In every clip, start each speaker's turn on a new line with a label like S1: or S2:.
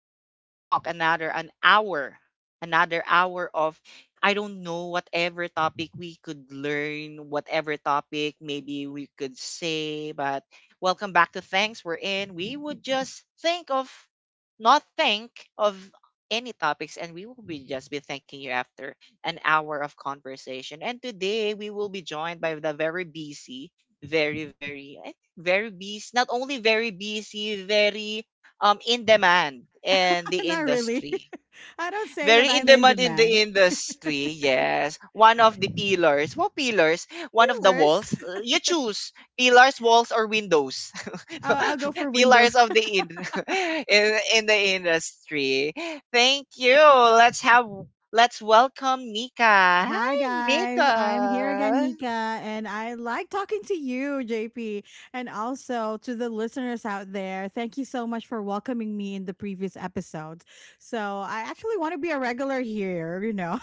S1: another talk, another hour of I don't know whatever topic we could learn, whatever topic maybe we could say, but welcome back to Thanks We're In. We would just think of not think of any topics, and we will be just be thanking you after an hour of conversation. And today we will be joined by the very busy very very I very busy — not only very busy, very in demand in the
S2: Not really.
S1: industry.
S2: I don't say that
S1: Very in
S2: I'm in
S1: demand in the
S2: demand.
S1: industry, yes. One of the pillars — what pillars? One of the
S2: Dealers.
S1: walls. You choose, pillars, walls, or windows.
S2: I'll go for Windows.
S1: pillars of in in the industry. Thank you. Let's have let's welcome Nika.
S2: Hi,
S1: Hi,
S2: guys. I'm here again,
S1: Nika.
S2: Nika, and I like talking to you, JP, and also to the listeners out there. Thank you so much for welcoming me in the previous episodes. So, I actually want to be a regular here,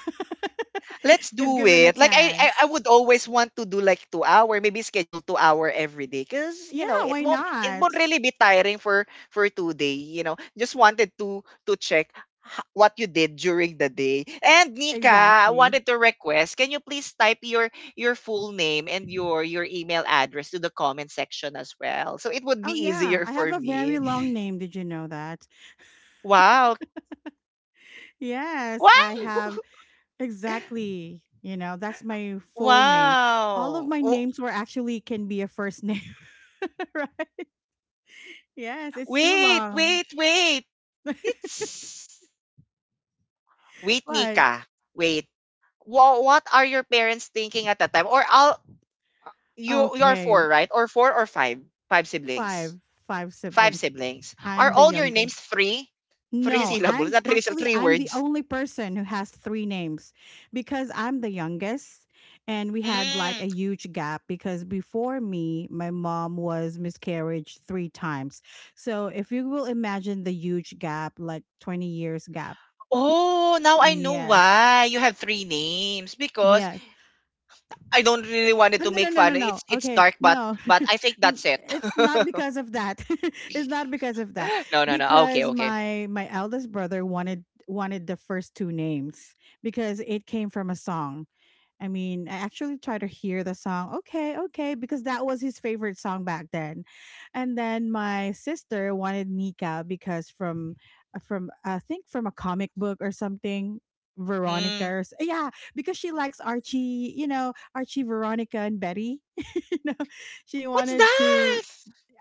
S1: Let's
S2: if
S1: do
S2: given a
S1: it. Like I, I,
S2: chance.
S1: I would always want to do like 2 hour, maybe schedule 2 hour every day, cause you know
S2: Yeah, why
S1: it won't
S2: not?
S1: really be tiring for 2 day. You know, just wanted to check what you did during the day. And Nika, I
S2: Exactly.
S1: wanted to request, can you please type your full name and your email address to the comment section as well, so it would
S2: Oh,
S1: be
S2: yeah.
S1: easier
S2: I have
S1: for
S2: a very
S1: me.
S2: long name. Did you know that?
S1: Wow,
S2: Yes, I
S1: wow,
S2: have. Exactly. You know, that's my full name. All of
S1: wow!
S2: my
S1: Oh,
S2: names were actually can be a first name, right? Yes, it's too
S1: wait,
S2: long.
S1: wait, wait! It's Wait,
S2: What?
S1: Nika. Wait. What are your parents thinking at that time? Or all you're
S2: Okay.
S1: four, right? Or four or five? Five siblings.
S2: Five. Five
S1: Five
S2: siblings.
S1: siblings. Are
S2: I'm the
S1: all your names
S2: youngest.
S1: three? Three
S2: No,
S1: syllables, not three,
S2: actually
S1: three
S2: I'm the
S1: words.
S2: only person who has three names because I'm the youngest and we had like a
S1: Mm.
S2: huge gap because before me my mom was miscarriage three times. So if you will imagine the huge gap like 20 years gap.
S1: Oh, now I know
S2: Yes.
S1: why you have three names, because
S2: Yes.
S1: I don't really wanted
S2: Oh,
S1: to
S2: no, no,
S1: make
S2: no, no,
S1: fun.
S2: no.
S1: It's
S2: Okay.
S1: dark, but
S2: No.
S1: I think that's it.
S2: It's not because of that. It's not because of that.
S1: no, no, no. Okay,
S2: Because
S1: okay.
S2: my eldest brother wanted the first two names because it came from a song. I mean, I actually try to hear the song, okay, okay, because that was his favorite song back then. And then my sister wanted Nika because from I think from a comic book or something,
S1: Mm.
S2: Veronica's. Yeah, because she likes Archie, Archie, Veronica and Betty. She
S1: What's
S2: wanted to
S1: that?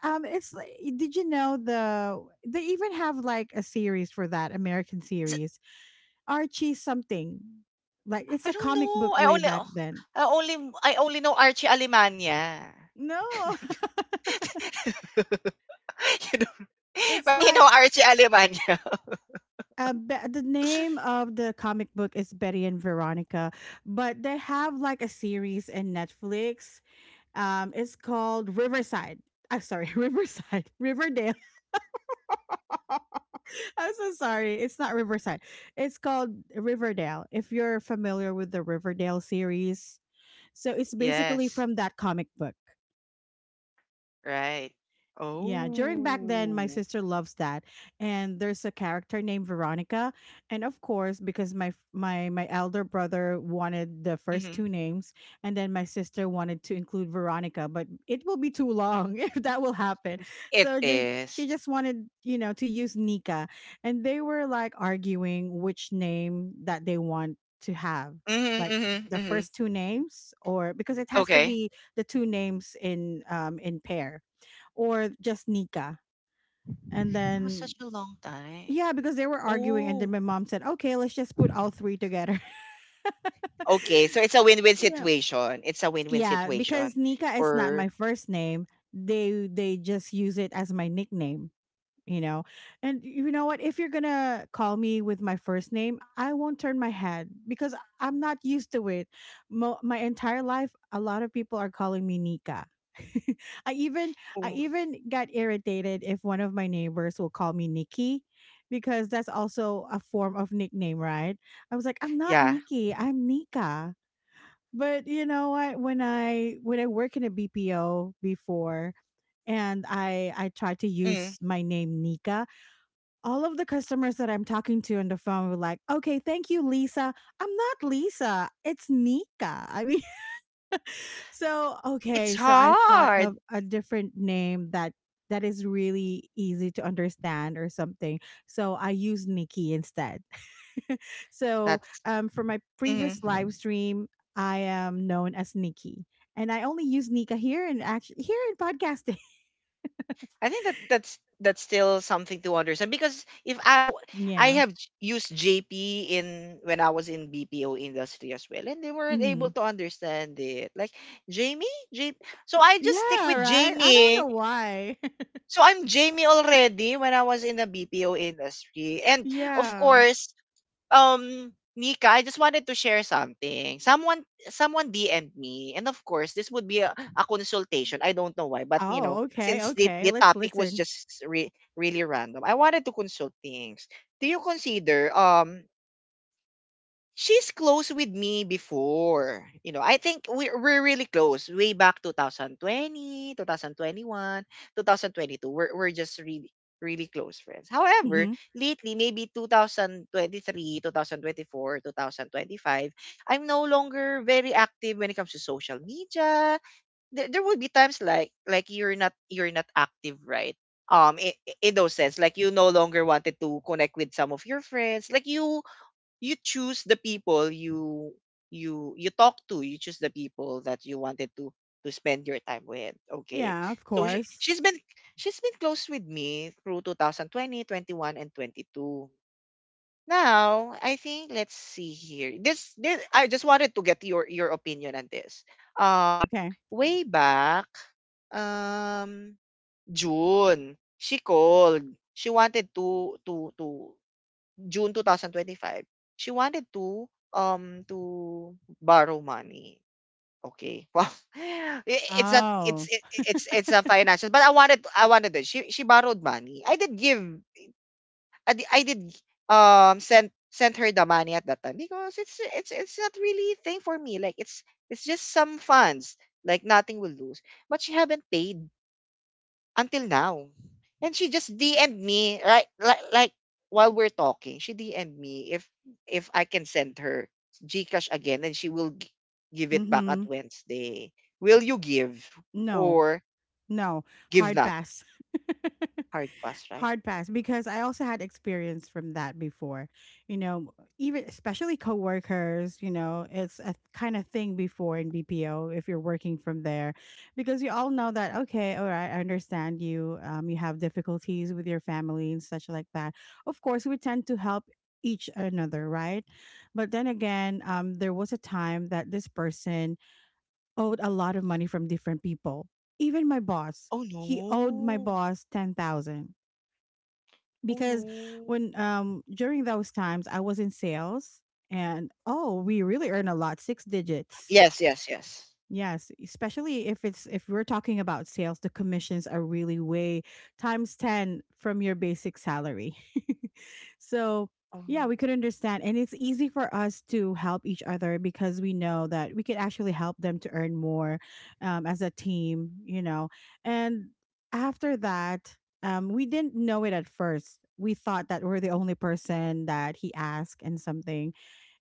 S2: um it's like- did you know they even have like a series for that American series, Archie something. Like it's
S1: I
S2: a
S1: don't
S2: comic book
S1: know. I
S2: way
S1: only
S2: back
S1: oh,
S2: then.
S1: I only know Archie Alemania.
S2: No.
S1: you know,
S2: It's
S1: but you
S2: like
S1: know Archie Alemania.
S2: the name of the comic book is Betty and Veronica, but they have like a series in Netflix. It's called Riverside. I'm sorry, Riverside, Riverdale. I'm so sorry. It's not Riverside. It's called Riverdale. If you're familiar with the Riverdale series, so it's basically
S1: yes,
S2: from that comic book.
S1: right.
S2: Yeah, during back then, my
S1: Oh,
S2: sister loves that, and there's a character named Veronica, and of course, because my elder brother wanted the first
S1: mhm.
S2: two names, and then my sister wanted to include Veronica, but it will be too long if that will happen.
S1: It
S2: So
S1: is.
S2: she just wanted, to use Nika, and they were like arguing which name that they want to have,
S1: Hmm.
S2: like
S1: Mm-hmm.
S2: the
S1: Mm-hmm.
S2: first two names, or because it has to
S1: Okay,
S2: be the two names in pair or just Nika. And
S1: it was
S2: then
S1: such a long time.
S2: yeah, because they were arguing and then
S1: Oh,
S2: my mom said, "Okay, let's just put all three together."
S1: okay. So it's a win-win
S2: Yeah.
S1: situation. It's a win-win
S2: Yeah,
S1: situation
S2: because Nika is not my
S1: for.
S2: first name. They just use it as my nickname. you know and you know what, if you're gonna call me with my first name, I won't turn my head because I'm not used to it. My entire life a lot of people are calling me Nika. i even i
S1: Oh,
S2: even got irritated if one of my neighbors will call me Nikki because that's also a form of nickname, right? I was like, I'm not
S1: yeah.
S2: Nikki, I'm Nika. But you know what, when I work in a BPO before, and I tried to
S1: Mm.
S2: use my name Nika, all of the customers that I'm talking to on the phone were like, okay, thank you, Lisa. I'm not Lisa. It's Nika. I mean, so,
S1: It's
S2: okay. So I thought
S1: hard.
S2: of a different name that is really easy to understand or something. So I use Nikki instead. So
S1: That's.
S2: for my previous live
S1: Mm.
S2: stream, I am known as Nikki. And I only use Nika here and actually here in podcasting.
S1: I think that that's still something to understand, because if I w- I
S2: Yeah.
S1: have used JP in when I was in BPO industry as well, and they weren't able
S2: Hmm.
S1: to understand it, like Jamie, J so I just stick
S2: Yeah,
S1: with
S2: right. I don't
S1: Jamie.
S2: know why.
S1: So I'm Jamie already when I was in the BPO industry. And of
S2: Yeah.
S1: course, um Mika, I just wanted to share something. Someone DM'd me, and of course this would be a consultation. I don't know why, but you know,
S2: Oh, okay,
S1: since the,
S2: okay,
S1: the
S2: let's
S1: topic was
S2: listen.
S1: just really random, I wanted to consult things. Do you consider, she's close with me before? I think we're really close way back 2000 2022. We're just really really close friends. However,
S2: Mhm.
S1: lately maybe 2023, 2024, 2025, I'm no longer very active when it comes to social media. There would be times like you're not active, right? In those sense, like you no longer wanted to connect with some of your friends. Like you choose the people you — you talk to — you choose the people that you wanted to spend your time with, okay.
S2: Yeah, of
S1: So
S2: course.
S1: she's been close with me through 2020 21 and 22. Now I think, let's see here, this I just wanted to get your opinion on this. um
S2: Okay.
S1: Way back, um june, she called, she wanted to June 2025, she wanted to borrow money. Okay. Wow. It's not it's
S2: Oh.
S1: it- it's a financial, but I wanted it. She borrowed money. I did give I did sent her the money at that time, because it's not really thing for me. Like it's just some funds. Like nothing will lose. But she haven't paid until now. And she just DM'd me right, like while we're talking. She DM'd me if I can send her GCash again, and she will give it back at
S2: Mhm.
S1: Wednesday. Will you give
S2: No,
S1: or
S2: no,
S1: give
S2: hard
S1: not?
S2: pass.
S1: Hard pass, right?
S2: Hard pass because I also had experience from that before. You know, even especially coworkers, it's a kind of thing before in BPO if you're working from there because you all know that okay, all right, I understand you you have difficulties with your family and such like that. Of course, we tend to help each another, right? But then again, there was a time that this person owed a lot of money from different people. Even my boss,
S1: Oh
S2: he owed my
S1: no.
S2: boss 10,000
S1: Oh
S2: because
S1: no.
S2: when during those times I was in sales, and oh, we really earn a lot, six digits.
S1: Yes, yes, yes.
S2: Yes, especially if we're talking about sales, the commissions are really way times 10 from your basic salary. So, yeah,
S1: Um,
S2: we could understand and it's easy for us to help each other because we know that we could actually help them to earn more as a team. And after that, we didn't know it at first. We thought that we're the only person that he asked and something,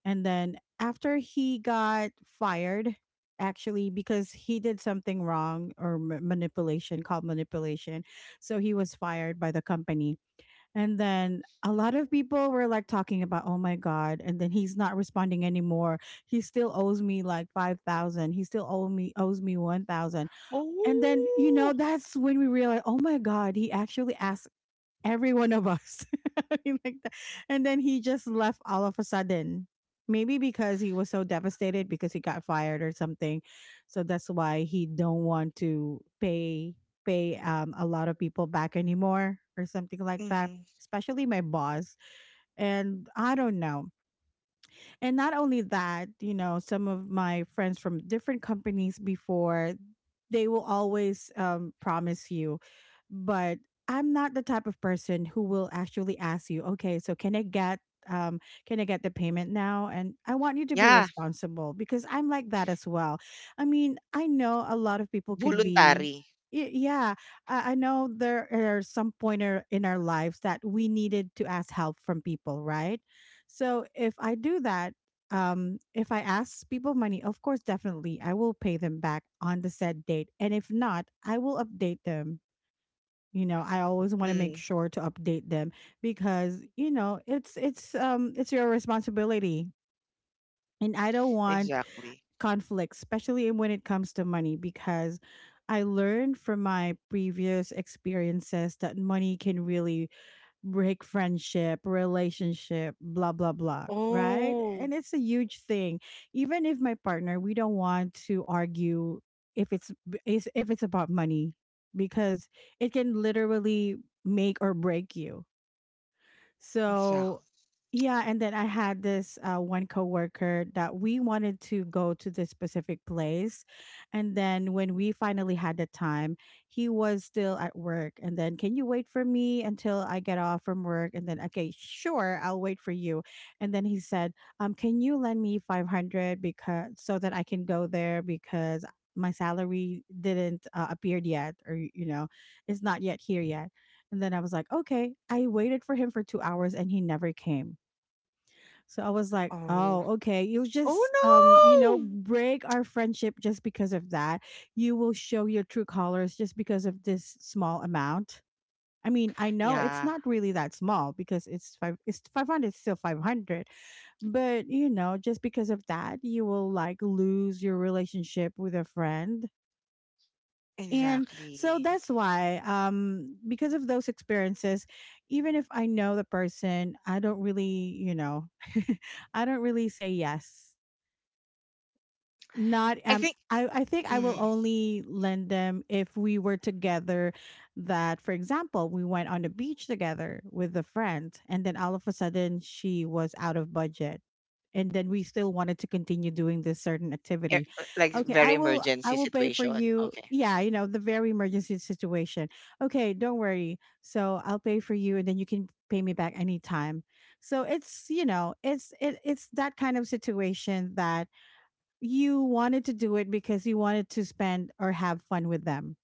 S2: and then after he got fired, actually, because he did something wrong, or manipulation, called manipulation. So he was fired by the company. And then a lot of people were like talking about, oh my God. And then he's not responding anymore. He still owes me like 5,000. He still owes me 1,000. And then,
S1: oh.
S2: that's when we realized, oh my God, he actually asked every one of us. I mean, like that. And then he just left all of a sudden. Maybe because he was so devastated because he got fired or something. So that's why he don't want to pay a lot of people back anymore or something like that.
S1: Hmm.
S2: Especially my boss. And I don't know. And not only that, some of my friends from different companies before, they will always promise you. But I'm not the type of person who will actually ask you, okay, so um can I get the payment now, and I want you to be
S1: Yeah,
S2: responsible because I'm like that as well. I mean, I know a lot of people can be.
S1: voluntary.
S2: Yeah, I know there are some pointer in our lives that we needed to ask help from people, right? So if I do that, if I ask people money, of course, definitely, I will pay them back on the said date. And if not, I will update them. You know, I always want to make
S1: Mm,
S2: sure to update them because you know it's your responsibility, and I don't want
S1: exactly.
S2: conflict, especially when it comes to money, because I learned from my previous experiences that money can really break friendship, relationship, blah, blah, blah, right?
S1: Oh,
S2: And it's a huge thing. Even if my partner, we don't want to argue if if it's about money because it can literally make or break you. So,
S1: exactly.
S2: yeah, and then I had this one coworker that we wanted to go to this specific place, and then when we finally had the time, he was still at work. And then, can you wait for me until I get off from work? And then, okay, sure, I'll wait for you. And then he said, can you lend me 500 because so that I can go there because my salary didn't appeared yet, or it's not yet here yet. And then I was like, okay. I waited for him for 2 hours and he never came. So I was like,
S1: Oh.
S2: oh, okay. You'll
S1: Oh
S2: just,
S1: no.
S2: break our friendship just because of that. You will show your true colors just because of this small amount. I mean, I know it's
S1: Yeah,
S2: not really that small because it's five. It's 500, it's still 500, but just because of that, you will like lose your relationship with a friend. And so
S1: exactly.
S2: that's why, because of those experiences, even if I know the person, I don't really, I don't really say yes, not
S1: I think,
S2: I think I will
S1: mm,
S2: only lend them if we were together, that for example we went on the beach together with a friend and then all of a sudden she was out of budget, and then we still wanted to continue doing this certain activity.
S1: like
S2: Okay, i
S1: very
S2: will i
S1: emergency
S2: will pay for
S1: situation.
S2: you.
S1: Okay.
S2: Yeah, the very emergency situation. Okay, don't worry, so I'll pay for you, and then you can pay me back anytime. So it's, it's it's that kind of situation that you wanted to do it because you wanted to spend or have fun with them.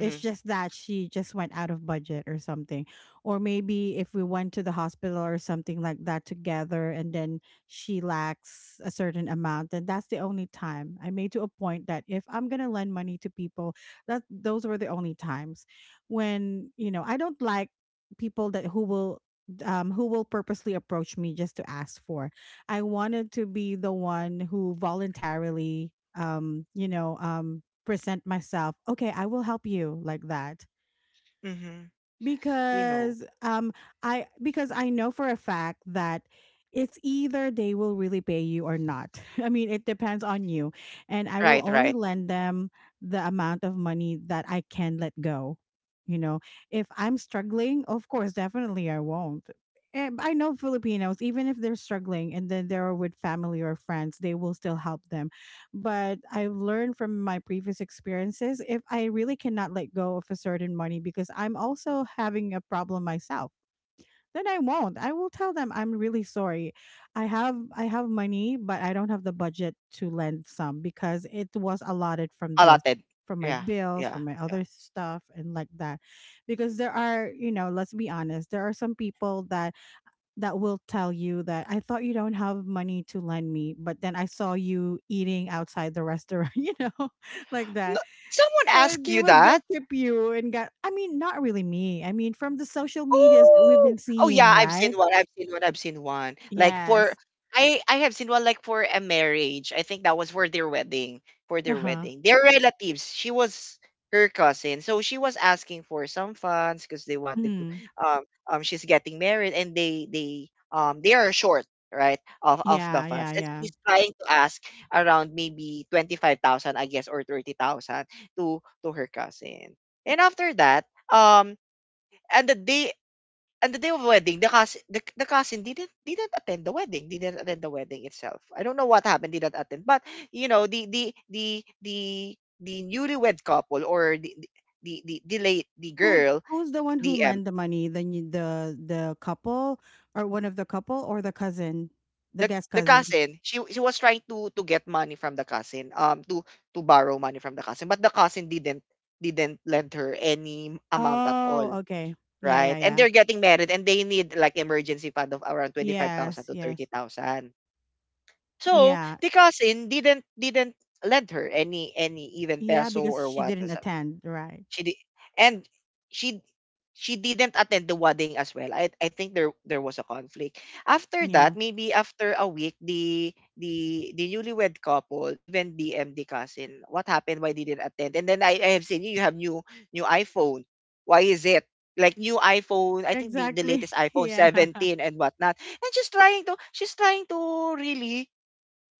S2: It's just that she just went out of budget or something. Or maybe if we went to the hospital or something like that together, and then she lacks a certain amount, then that's the only time I made to a point that if I'm going to lend money to people, that those were the only times when, you know, I don't like people that who will purposely approach me just to ask for. I wanted to be the one who voluntarily um you know um present myself. Okay, I will help you like that.
S1: Mhm. You know.
S2: Because um i because I know for a fact that it's either they will really pay you or not. I mean, it depends on you, and I will
S1: Right,
S2: only
S1: right.
S2: lend them the amount of money that I can let go, you know. If I'm struggling, of course definitely I won't. And I know Filipinos, even if they're struggling and then they're with family or friends, they will still help them. But I've learned from my previous experiences, if I really cannot let go of a certain money because I'm also having a problem myself, then I won't. I will tell them I'm really sorry. I have money, but I don't have the budget to lend some because it was allotted from this,
S1: Allotted.
S2: from my
S1: Yeah.
S2: bills,
S1: Yeah.
S2: from my
S1: Yeah.
S2: other stuff and like that. Because there are, you know, let's be honest, there are some people that will tell you that I thought you don't have money to lend me, but then I saw you eating outside the restaurant, you know, like that.
S1: No, someone
S2: So
S1: asked
S2: they
S1: you
S2: will
S1: that?
S2: guilt trip you and got, I mean, not really me. I mean, from the social medias that we've
S1: Oh!
S2: been
S1: Oh,
S2: seeing,
S1: yeah, I've
S2: right?
S1: seen one, I've seen one, I've seen one. Like for
S2: Yes.
S1: I have seen one like for a marriage. I think that was for their wedding, for
S2: Uh
S1: their
S2: huh.
S1: wedding. Their relatives. She was her cousin. So she was asking for some funds, because they wanted to —
S2: Hmm.
S1: um she's getting married, and they they are short, right, of the
S2: Yeah, yeah,
S1: funds. And
S2: yeah.
S1: she's trying to ask around maybe 25,000 I guess, or 30,000, to her cousin. And after that, um and the day and the day of wedding, the cousin, the cousin didn't attend the wedding, didn't attend the wedding itself. I don't know what happened, didn't attend. But you know, the newlywed couple, or the late the
S2: Who
S1: girl,
S2: who's the one who
S1: DM,
S2: lend the money? Then you, the couple or one of the couple or the cousin, the
S1: the
S2: guest
S1: the
S2: cousin.
S1: cousin, she was trying to get money from the cousin, to borrow money from the cousin, but the cousin didn't lend her any amount at all.
S2: Oh, okay. Yeah,
S1: Right.
S2: yeah,
S1: And
S2: yeah.
S1: they're getting married, and they need like emergency fund of around 25,000
S2: Yes,
S1: to
S2: yes.
S1: 30,000. So
S2: Yeah.
S1: the cousin didn't lend her any even
S2: Yeah,
S1: peso
S2: because
S1: or
S2: she
S1: what.
S2: didn't
S1: So
S2: attend, right?
S1: She did, and she she didn't attend the wedding as well. I think there was a conflict. After that,
S2: Yeah.
S1: maybe after a week, the newlywed couple even DM the M D cousin, what happened, why they didn't attend. And then, I have seen, you have new iPhone. Why is it? Like new iPhone, I think, the
S2: Exactly.
S1: latest iPhone
S2: Yeah.
S1: 17 and whatnot. And she's trying to — really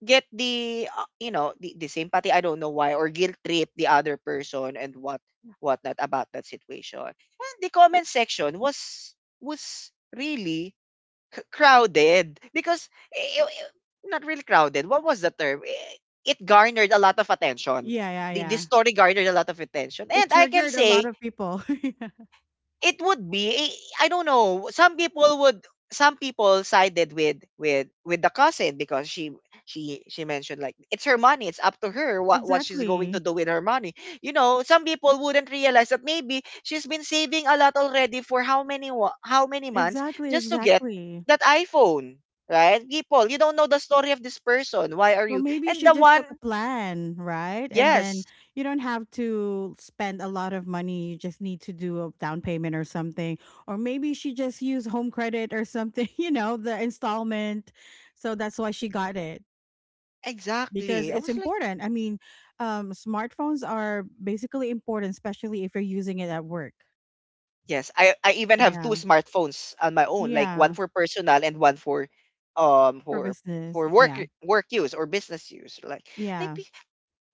S1: get the, the sympathy. I don't know why, or guilt trip the other person and whatnot about that situation. And the comment section was really crowded — because, i- i- i- not really crowded. What was the term? It garnered a lot of attention.
S2: Yeah, yeah,
S1: The
S2: yeah.
S1: story garnered a lot of attention.
S2: It
S1: And I can
S2: triggered a lot
S1: say
S2: of people. Yeah.
S1: it would be — I don't know. Some people sided with the cousin, because she mentioned, like, it's her money, it's up to her what she's going to
S2: Exactly.
S1: do with her money. You know, some people wouldn't realize that maybe she's been saving a lot already for how many how many months,
S2: Exactly,
S1: just to get
S2: exactly.
S1: that iPhone, right. People, you don't know the story of this person. Why are
S2: Or
S1: you —
S2: maybe
S1: and
S2: she
S1: the
S2: just
S1: one —
S2: took a plan, right? And
S1: yes,
S2: then you don't have to spend a lot of money. You just need to do a down payment or something. Or maybe she just used home credit or something, you know, the installment. So that's why she got it. Because
S1: exactly. I
S2: it's
S1: was like —
S2: important. I mean, smartphones are basically important, especially if you're using it at work.
S1: Yes, I even have two
S2: Yeah.
S1: smartphones on my own, like one
S2: Yeah.
S1: for personal and one
S2: For
S1: for
S2: business.
S1: work
S2: Yeah.
S1: use, or business use. Like — like
S2: Yeah.
S1: be-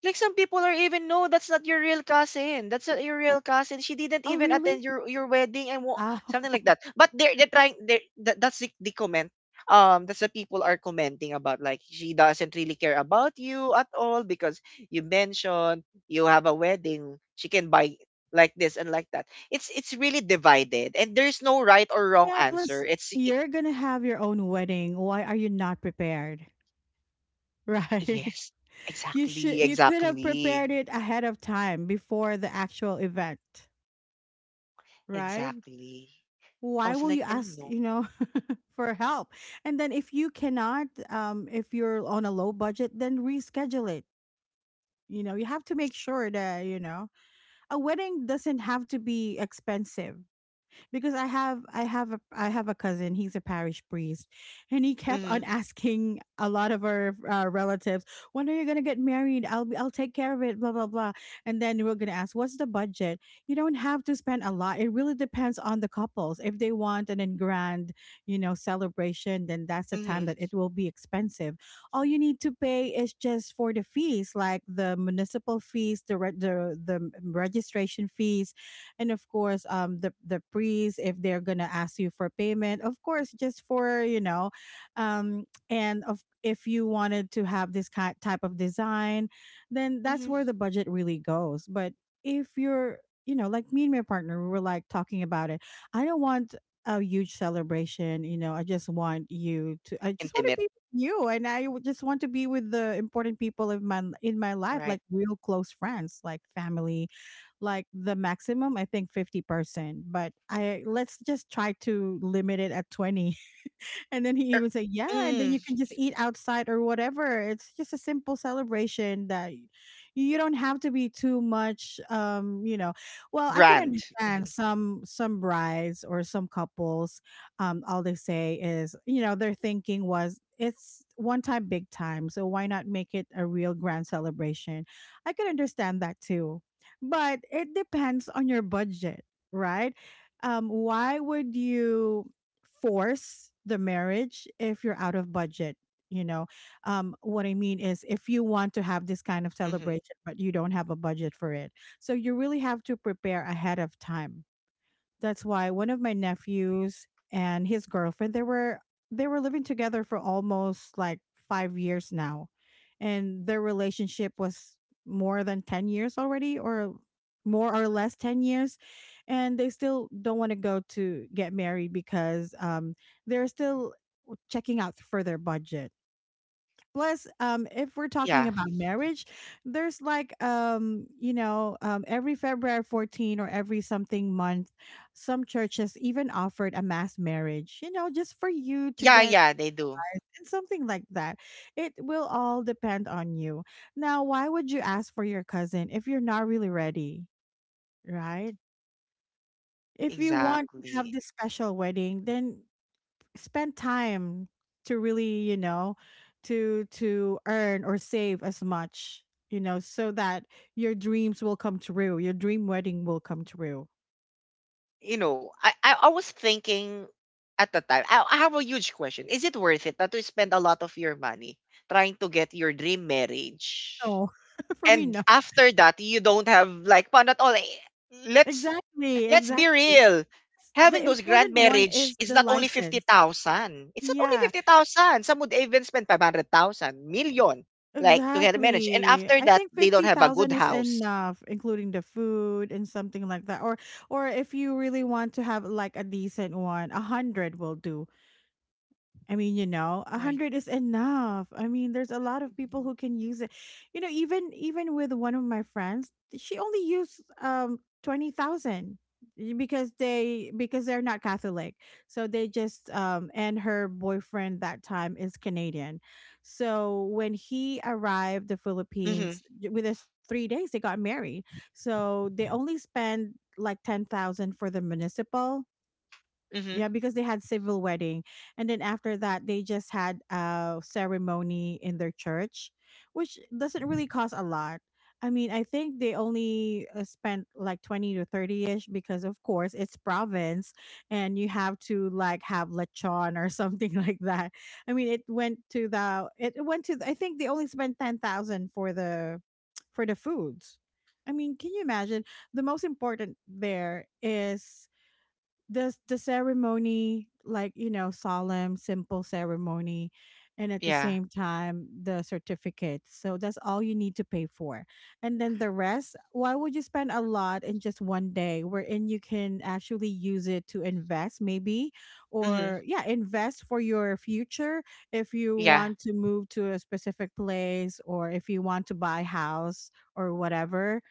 S1: like some people are even — no, that's not your real cousin. That's not your real cousin. She didn't
S2: Oh,
S1: even
S2: really?
S1: attend your wedding, and
S2: Oh,
S1: something like that. But they're trying. That's the comment. That's the — people are commenting about, like, she doesn't really care about you at all, because you mentioned you have a wedding. She can buy like this and like that. It's really divided, and there's no right or wrong
S2: yeah. Plus,
S1: answer. It's I
S2: you're going to have your own wedding. Why are you not prepared? Right.
S1: yes,
S2: You should,
S1: exactly,
S2: you could have prepared
S1: exactly,
S2: it ahead of time before the actual event. Right.
S1: exactly. I
S2: Why
S1: was
S2: will
S1: like,
S2: you
S1: oh
S2: ask,
S1: no.
S2: you know, for help? And then if you cannot, if you're on a low budget, then reschedule it. You know, you have to make sure that, you know, a wedding doesn't have to be expensive, because I have a cousin. He's a parish priest, and he kept on
S1: Mm-hmm.
S2: asking a lot of our relatives, "When are you gonna get married? I'll take care of it." Blah blah blah. And then we're gonna ask, "What's the budget?" You don't have to spend a lot. It really depends on the couples. If they want an grand, you know, celebration, then that's the time
S1: Mhm,
S2: that it will be expensive. All you need to pay is just for the fees, like the municipal fees, the the registration fees, and of course the priest, if they're gonna ask you for payment, of course, just for, you know, um and of if you wanted to have this kind type of design, then that's
S1: mhm.
S2: where the budget really goes. But if you're, you know, like me and my partner, we were like talking about it. I don't want a huge celebration, you know. I just want you to, I just want to
S1: Intimate,
S2: be with you, and just want to be with the important people in my life,
S1: right.
S2: like real close friends, like family, like the maximum, I think 50%, but I let's just try to limit it at 20. And then he
S1: Er,
S2: even said, "Yeah, and then
S1: mm,
S2: you can just eat outside or whatever. It's just a simple celebration that you don't have to be too much, you know." Well, I can
S1: grand.
S2: understand some brides or some couples, all they say is, you know, their thinking was it's one time big time, so why not make it a real grand celebration? I can understand that too. But it depends on your budget, right? Why would you force the marriage if you're out of budget? You know, what I mean is if you want to have this kind of
S1: Mhm.
S2: celebration but you don't have a budget for it, so you really have to prepare ahead of time. That's why one of my nephews and his girlfriend, they were living together for almost like 5 years now. And their relationship was more than 10 years already, or more or less 10 years, and they still don't want to go to get married because they're still checking out for their budget. Plus, if we're talking
S1: Yeah.
S2: about marriage, there's like, you know, every february 14 or every something month some churches even offered a mass marriage, you know, just for you to
S1: Yeah,
S2: get
S1: yeah, they do.
S2: advice and something like that. It will all depend on you. Now why would you ask for your cousin if you're not really ready, right? If you want to
S1: Exactly.
S2: have this special wedding, then spend time to really, you know, to earn or save as much, you know, so that your dreams will come true, your dream wedding will come true.
S1: You know, I was thinking at the time, I have a huge question. Is it worth it that to spend a lot of your money trying to get your dream marriage?
S2: No. For me,
S1: And
S2: no.
S1: after that, you don't have like fun at all. Let's
S2: Exactly,
S1: Let's be
S2: exactly.
S1: real.
S2: The
S1: Having those grand
S2: important one
S1: marriage
S2: is
S1: is
S2: the
S1: not only
S2: license.
S1: 50,000. It's not only
S2: Yeah,
S1: 50,000. Some would even spend 500,000, million, like to get a marriage. And
S2: exactly.
S1: after
S2: I
S1: that,
S2: think
S1: they don't have a good
S2: 50,000 is
S1: house.
S2: enough, including the food and something like that, or if you really want to have like a decent one, a 100 will do. I mean, you know, a
S1: Right.
S2: hundred is enough. I mean, there's a lot of people
S1: Mhm.
S2: who can use it. You know, even even with one of my friends, she only used 20,000 because they because they're not Catholic, so they just and her boyfriend that time is Canadian, so when he arrived the
S1: Mm-hmm.
S2: Philippines with us 3 days, they got married, so they only spend like 10,000 for the municipal.
S1: Mm-hmm.
S2: Yeah, because they had civil wedding, and then after that, they just had a ceremony in their church, which doesn't really cost a lot. I mean, I think they only spent like 20 to 30 ish because, of course, it's province, and you have to like have lechon or something like that. I mean, it went to the, I think they only spent 10,000 for the foods. I mean, can you imagine? The most important there is the ceremony, like, you know, solemn simple ceremony, and at the
S1: Yeah.
S2: same time the certificate, so that's all you need to pay for. And then the rest, why would you spend a lot in just one day, wherein you can actually use it to invest maybe,
S1: Mm-hmm.
S2: or yeah, invest for your future. If you
S1: Yeah.
S2: want to move to a specific place, or if you want to buy house or whatever,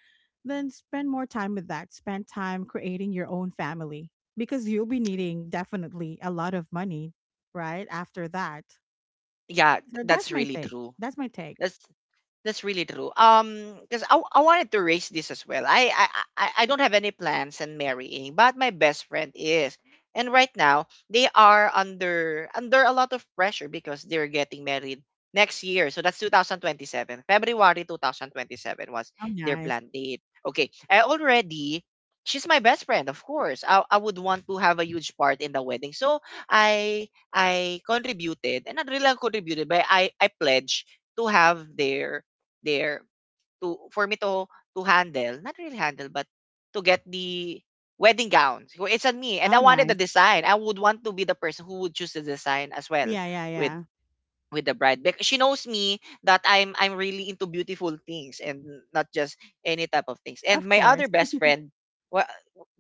S2: then spend more time with that. Spend time creating your own family, because you'll be needing definitely a lot of money, right? After that.
S1: Yeah.
S2: So that's
S1: That's
S2: my
S1: really
S2: take.
S1: true.
S2: That's my take.
S1: That's That's really true. Because I wanted to raise this as well. I don't have any plans on marrying, but my best friend is, and right now they are under a lot of pressure, because they're getting married next year. So that's 2027. February 2027 was
S2: How
S1: their
S2: nice.
S1: planned date. Okay, I already. She's my best friend, of course. I would want to have a huge part in the wedding. So I I contributed, and not really contributed, but I pledged to have their there to for me to handle, not really handle, but to get the wedding gowns. It's on me, and I
S2: How
S1: wanted the
S2: nice.
S1: design. I would want to be the person who would choose the design as well
S2: Yeah, yeah,
S1: with
S2: yeah.
S1: the bride because she knows me that I'm really into beautiful things and not just any type of things. And
S2: Of
S1: my other
S2: course.
S1: best friend, well,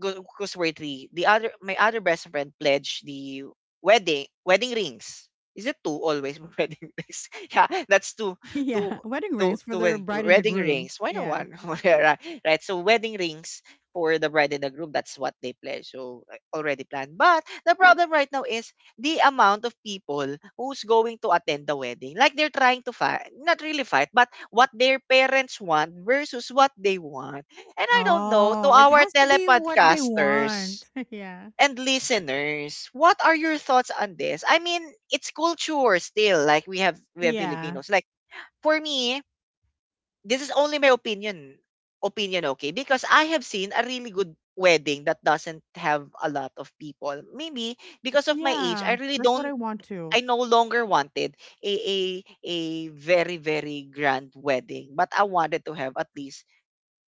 S1: because we're three, the other my other best friend pledged the wedding rings. Is it two always wedding rings? Yeah, that's two
S2: Yeah. Wedding
S1: two
S2: rings for
S1: two
S2: the
S1: wedding,
S2: bride and the
S1: wedding
S2: groom.
S1: rings. Why not
S2: Yeah.
S1: one? Right, right. So wedding rings for the bride and the groom. That's what they pledge. So already planned. But the problem right now is the amount of people who's going to attend the wedding. Like they're trying to fight, not really fight, but what their parents want versus what they want. And I don't know, to
S2: Oh, it
S1: our
S2: has to be what they
S1: telepodcasters
S2: want. Yeah.
S1: and listeners, what are your thoughts on this? I mean, it's culture still. Like we have
S2: Yeah.
S1: Filipinos. Like for me, this is only my opinion. Opinion, okay? Because I have seen a really good wedding that doesn't have a lot of people. Maybe because of my age, I
S2: Yeah.
S1: really
S2: That's what
S1: don't
S2: I want to.
S1: I no longer wanted a a a very grand wedding, but I wanted to have at least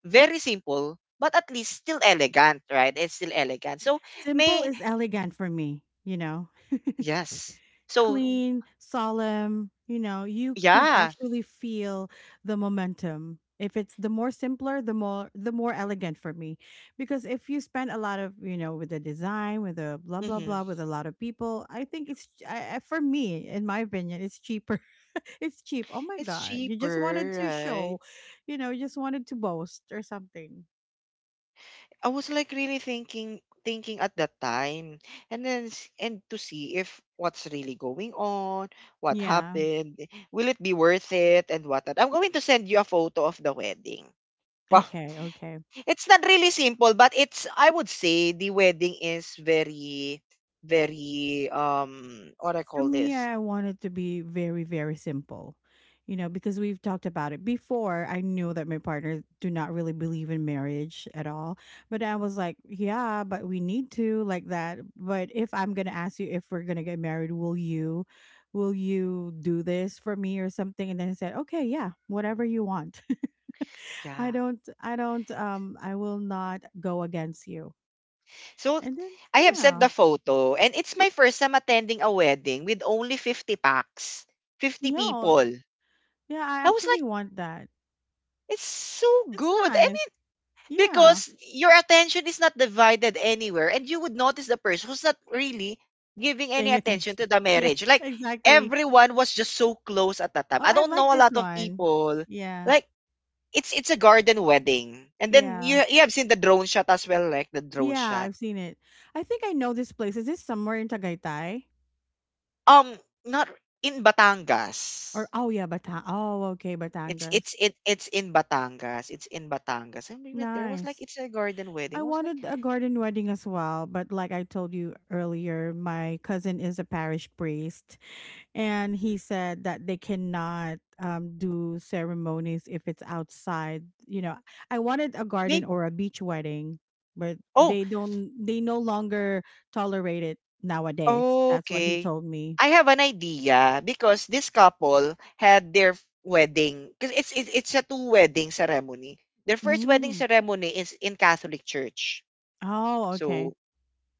S1: very simple, but at least still elegant, right? It's still elegant. So
S2: Simple
S1: may
S2: is elegant for me, you know?
S1: yes. So
S2: Clean, solemn, you know, you could
S1: yeah,
S2: actually feel the momentum. If it's the more simpler, the more elegant for me. Because if you spend a lot of, you know, with the design, with the blah blah
S1: hmm
S2: blah with a lot of people, I think it's I, for me, in my opinion, it's cheaper. It's cheap. Oh my
S1: it's
S2: god. You just wanted
S1: cheaper,
S2: to
S1: right?
S2: show, you know, you just wanted to boast or something.
S1: I was like really thinking at that time, and then s- and to see if what's really going on, what
S2: Yeah.
S1: happened, will it be worth it, and what whatnot. I'm going to send you a photo of the wedding.
S2: Okay, okay.
S1: It's not really simple, but it's, I would say the wedding is very, very what I
S2: For
S1: call
S2: me,
S1: this.
S2: I want it to be very, very simple, you know, because we've talked about it before. I knew that my partner do not really believe in marriage at all, but I was like, yeah, but we need to like that. But if I'm gonna ask you if we're gonna get married, will you do this for me or something? And then he said, okay, yeah, whatever you want.
S1: Yeah.
S2: I will not go against you.
S1: So
S2: And then,
S1: I have sent
S2: yeah,
S1: the photo and it's my first time attending a wedding with only 50 packs. 50
S2: no,
S1: people.
S2: yeah, I
S1: I was like,
S2: actually want that.
S1: it's so
S2: It's
S1: good.
S2: nice. Yeah,
S1: Because your attention is not divided anywhere, and you would notice the person who's not really giving any
S2: paying
S1: attention
S2: attention.
S1: to the
S2: Yeah,
S1: marriage. Like
S2: exactly.
S1: everyone was just so close at that time.
S2: Oh,
S1: I
S2: I
S1: don't
S2: like
S1: know a
S2: this
S1: lot of
S2: one.
S1: people.
S2: Yeah,
S1: Like it's a garden wedding, and then
S2: yeah,
S1: you have seen the drone shot as well, like the drone
S2: yeah.
S1: shot.
S2: I've seen it. I think I know this place. Is this somewhere in Tagaytay?
S1: Um, not in Batangas.
S2: Or oh yeah, Batang. Oh, okay,
S1: It's
S2: Batangas.
S1: it's it it's in Batangas. It's in Batangas, and we went there. It was
S2: Nice.
S1: like it's a garden
S2: I
S1: wedding. I was like,
S2: wanted a garden wedding as well, but like I told you earlier, my cousin is a parish priest, and he said that they cannot do ceremonies if it's outside. You know, I wanted a garden
S1: maybe.
S2: or a beach wedding, but they don't. They no longer tolerate it nowadays. That's what he
S1: Okay.
S2: told me.
S1: I have an idea because this couple had wedding because it's a two wedding ceremony. Their first wedding
S2: Mm.
S1: ceremony is in Catholic Church.
S2: Oh, okay.
S1: So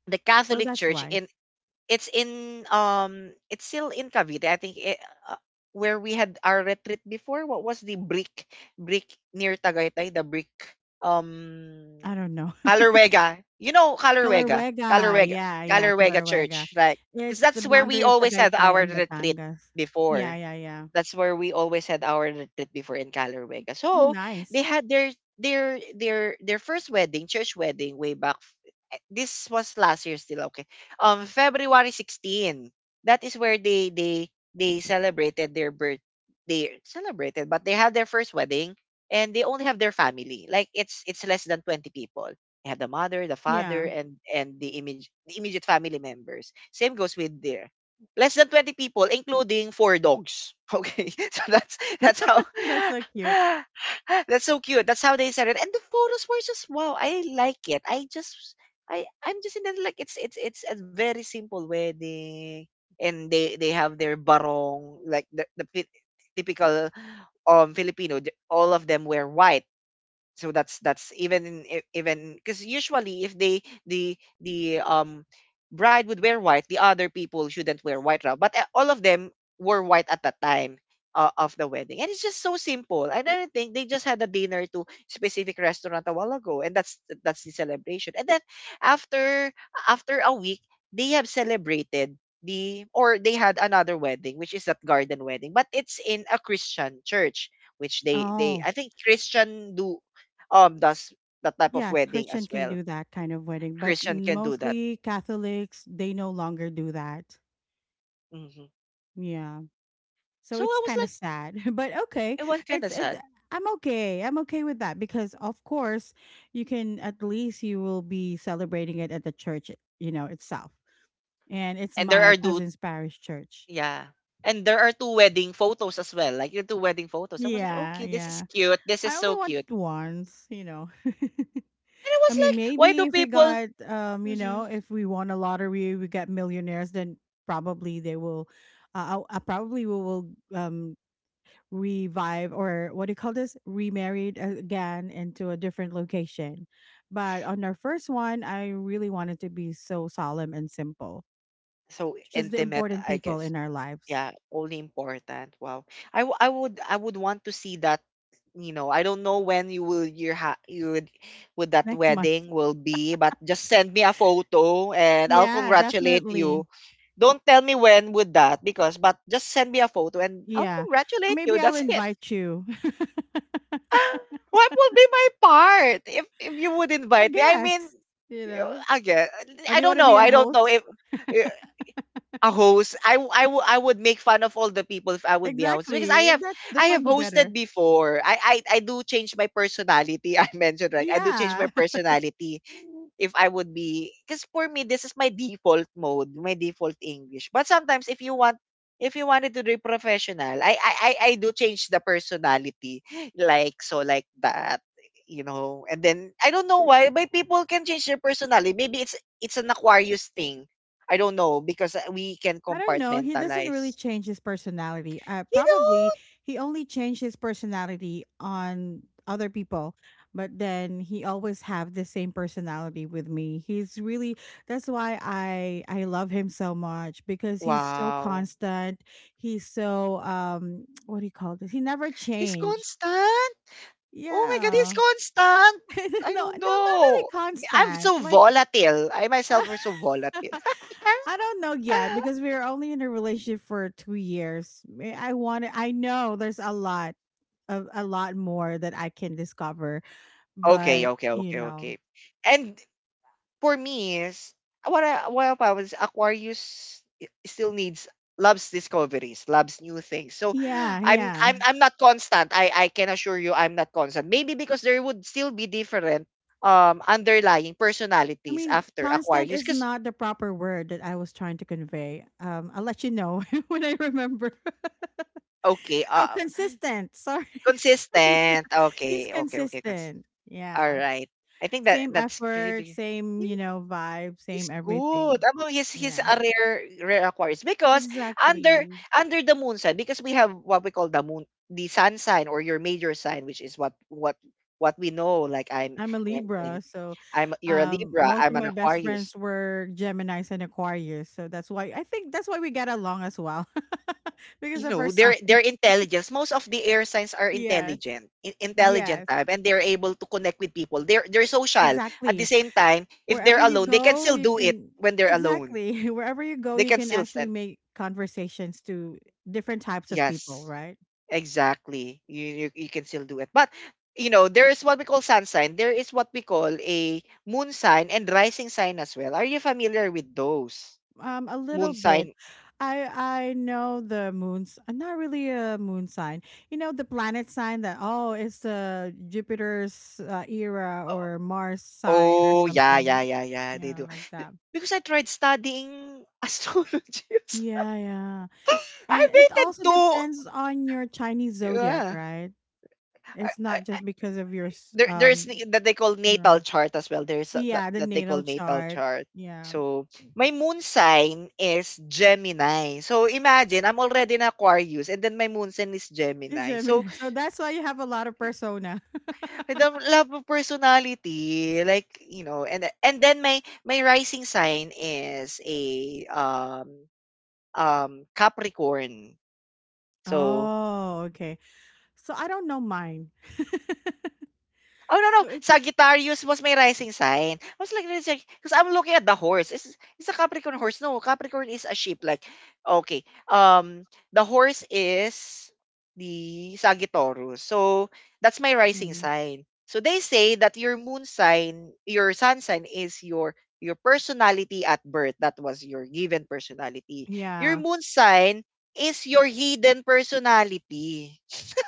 S1: the
S2: So
S1: Catholic
S2: that's
S1: Church
S2: why.
S1: in, it's in it's still in Cavite. I think it, where we had our retreat before. What was the brick near Tagaytay? The brick
S2: I
S1: um
S2: don't know.
S1: Calorwega. You know Calorwega.
S2: Kalawega.
S1: Calorwega.
S2: Yeah, yeah,
S1: Calorwega
S2: Kalawega.
S1: Church, right? Because
S2: It's the
S1: that's where we
S2: boundary of
S1: always have
S2: Tagaytay
S1: our
S2: and
S1: retreat
S2: Batangas. Yeah,
S1: before.
S2: yeah, yeah.
S1: That's where we always had our retreat before in Caloocan.
S2: Mm,
S1: So they
S2: nice.
S1: had their their first wedding, church wedding, way back. This was last year still, okay. February 16. That is where they celebrated their birth. They celebrated, but they had their first wedding, and they only have their family. Like it's less than 20 people. They have the mother, the father,
S2: Yeah.
S1: and the immediate family members. Same goes with their less than 20 people including four dogs. Okay, so that's how
S2: That's so cute.
S1: that's so cute. That's how they said it, and the photos were just wow. I like it. I just, I'm just in it. Like it's a very simple wedding, and they have their barong, like typical Filipino. All of them wear white. So that's, even because usually if they, the bride would wear white, the other people shouldn't wear white. Now but all of them were white at that time of the wedding, and it's just so simple. And I don't think, they just had a dinner to specific restaurant a while ago, and that's the celebration. And then after, after a week they have celebrated the, or they had another wedding which is that garden wedding, but it's in a Christian church, which they
S2: Oh.
S1: I think Christian do does that type of
S2: Yeah,
S1: wedding
S2: Christian
S1: as
S2: can
S1: well.
S2: do that kind of wedding, but
S1: Christian can do that.
S2: mostly Catholics, they no longer do that.
S1: Hmm.
S2: Yeah. So
S1: So I
S2: it's
S1: was
S2: kind of
S1: like,
S2: sad, but okay.
S1: it was kind
S2: It's
S1: of
S2: it
S1: sad.
S2: I'm okay. I'm okay with that because of course, you can at least you will be celebrating it at the church, you know, itself. And it's
S1: And there
S2: my
S1: are do
S2: cousin's parish church.
S1: yeah. And there are two wedding photos as well, like the two wedding photos. I was like,
S2: Yeah,
S1: okay, this is
S2: yeah.
S1: cute. This is
S2: I only
S1: so cute.
S2: went once, you know.
S1: And I
S2: I
S1: was
S2: mean,
S1: like, why
S2: maybe
S1: do
S2: if we
S1: people?
S2: got, you
S1: Hmm.
S2: know, if we won a lottery, we get millionaires, then probably they will, I, probably we will revive or what do you call this? Remarried again into a different location. But on our first one, I really wanted to be so solemn and simple.
S1: So
S2: Just the
S1: intimate,
S2: important
S1: I
S2: people
S1: guess.
S2: in our lives.
S1: Yeah, only important. Wow. I would, I would want to see that, you know, I don't know when you will your ha you would that
S2: Next month.
S1: wedding will be, but just send me a photo and I'll
S2: Yeah,
S1: congratulate
S2: definitely.
S1: you. Don't tell me when would that, because but just send me a photo and I'll
S2: Yeah. Or
S1: congratulate you.
S2: maybe I'll
S1: That's it.
S2: invite you.
S1: What will be my part if you would
S2: I
S1: invite me? I mean,
S2: guess, you know.
S1: again,
S2: Or
S1: I
S2: do you
S1: don't
S2: want to
S1: know.
S2: be a
S1: I don't know if
S2: host?
S1: a host, I would make fun of all the people if I would be a host because I
S2: Exactly.
S1: have,
S2: That's the
S1: I have
S2: fun, the
S1: hosted
S2: better.
S1: before. I do change my personality. I mentioned right. I do change my
S2: Yeah.
S1: personality if I would be, because for me this is my default mode, my default English. But sometimes if you want, if you wanted to be professional, I do change the personality like so, like that, you know. And then I don't know why, but people can change their personality. Maybe it's an Aquarius thing. I don't know because we can
S2: I don't know. He doesn't really
S1: compartmentalize.
S2: change his personality.
S1: You
S2: Probably
S1: know?
S2: he only changed his personality on other people, but then he always have the same personality with me. He's really that's why I love him so much because he's so
S1: Wow.
S2: constant. He's so what do you call this? He never
S1: He's
S2: changed.
S1: constant. Oh my God, he's
S2: Yeah.
S1: constant.
S2: No,
S1: I
S2: no, not
S1: don't
S2: really
S1: know. I'm
S2: constant.
S1: so
S2: Like
S1: volatile. I myself are so volatile.
S2: I don't know yet because we are only in a relationship for 2 years. I want to I know there's a lot more that I can discover,
S1: Okay,
S2: but
S1: okay,
S2: you
S1: okay, okay.
S2: know.
S1: And for me is what I was Aquarius still needs, loves discoveries, loves new things. So
S2: Yeah,
S1: I'm
S2: yeah.
S1: I'm I'm not constant. I can assure you I'm not constant. Maybe because there would still be different underlying
S2: I
S1: personalities
S2: mean,
S1: after
S2: constant
S1: Aquarius.
S2: is
S1: Because
S2: not the proper word that I was trying to convey. I'll let you know when I remember.
S1: okay,
S2: Oh, consistent. Sorry.
S1: consistent.
S2: He's
S1: Okay, okay, okay.
S2: consistent.
S1: All
S2: Yeah.
S1: right. I think that
S2: Same
S1: that's
S2: effort,
S1: really
S2: same, you
S1: he-
S2: know, vibe, same
S1: he's good.
S2: everything.
S1: I mean, he's
S2: Yeah.
S1: a rare, rare Aquarius because under,
S2: Exactly.
S1: under the moon sign, because we have what we call the moon, the sun sign, or your major sign, which is what we know. Like I'm
S2: I'm a
S1: I'm in,
S2: Libra, so
S1: I'm, you're a Libra,
S2: most
S1: I'm
S2: of
S1: an
S2: my best
S1: Aquarius,
S2: friends were Gemini's and Aquarius, so that's why I think that's why we get along as well, because
S1: you
S2: of our
S1: know,
S2: signs.
S1: their intelligence, most of the air signs are
S2: Yes,
S1: intelligent in, intelligent
S2: yes,
S1: type, and they're able to connect with people. They're social. At the
S2: exactly.
S1: same time, if they're
S2: Wherever you
S1: alone, they can
S2: go,
S1: still
S2: you
S1: do it
S2: can
S1: when they're alone.
S2: exactly wherever you go,
S1: They
S2: you
S1: can
S2: can
S1: still
S2: actually
S1: send,
S2: make conversations to different types of people,
S1: yes
S2: right?
S1: exactly. You you can still do it, but you know, there is what we call sun sign, there is what we call a moon sign and rising sign as well. Are you familiar with those?
S2: A little
S1: Moon
S2: bit.
S1: sign.
S2: I I know the moon's not really a moon sign. You know the planet sign that oh it's the Jupiter's era or Mars sign or
S1: Oh, yeah,
S2: something.
S1: yeah, yeah, yeah. They
S2: Yeah,
S1: do.
S2: like
S1: Be-
S2: that.
S1: Because I tried studying astrology.
S2: Yeah, yeah.
S1: I
S2: And it
S1: waited
S2: also
S1: two.
S2: depends on your Chinese zodiac,
S1: Yeah.
S2: right?
S1: I,
S2: It's
S1: I,
S2: not just because of your
S1: there's that they call
S2: yeah,
S1: natal chart as well. There's a,
S2: yeah the
S1: that they
S2: natal
S1: call natal
S2: chart.
S1: chart.
S2: Yeah.
S1: So my moon sign is Gemini. So imagine I'm already in Aquarius and then my moon sign is
S2: It's
S1: Gemini. So
S2: Gemini. So that's why you have a lot of persona.
S1: with the love of personality, like, you know, and then my rising sign is a Capricorn. So,
S2: Oh, okay. So I don't know mine.
S1: oh no no,
S2: So if it's
S1: Sagittarius was my rising sign. I was like, because I'm looking at the horse. It's a Capricorn horse. No, Capricorn is a sheep. Like, okay, the horse is the Sagittarius. So that's my rising
S2: Mm.
S1: sign. So they say that your sun sign is your personality at birth. That was your given personality. Your
S2: Yeah.
S1: moon sign is your hidden personality.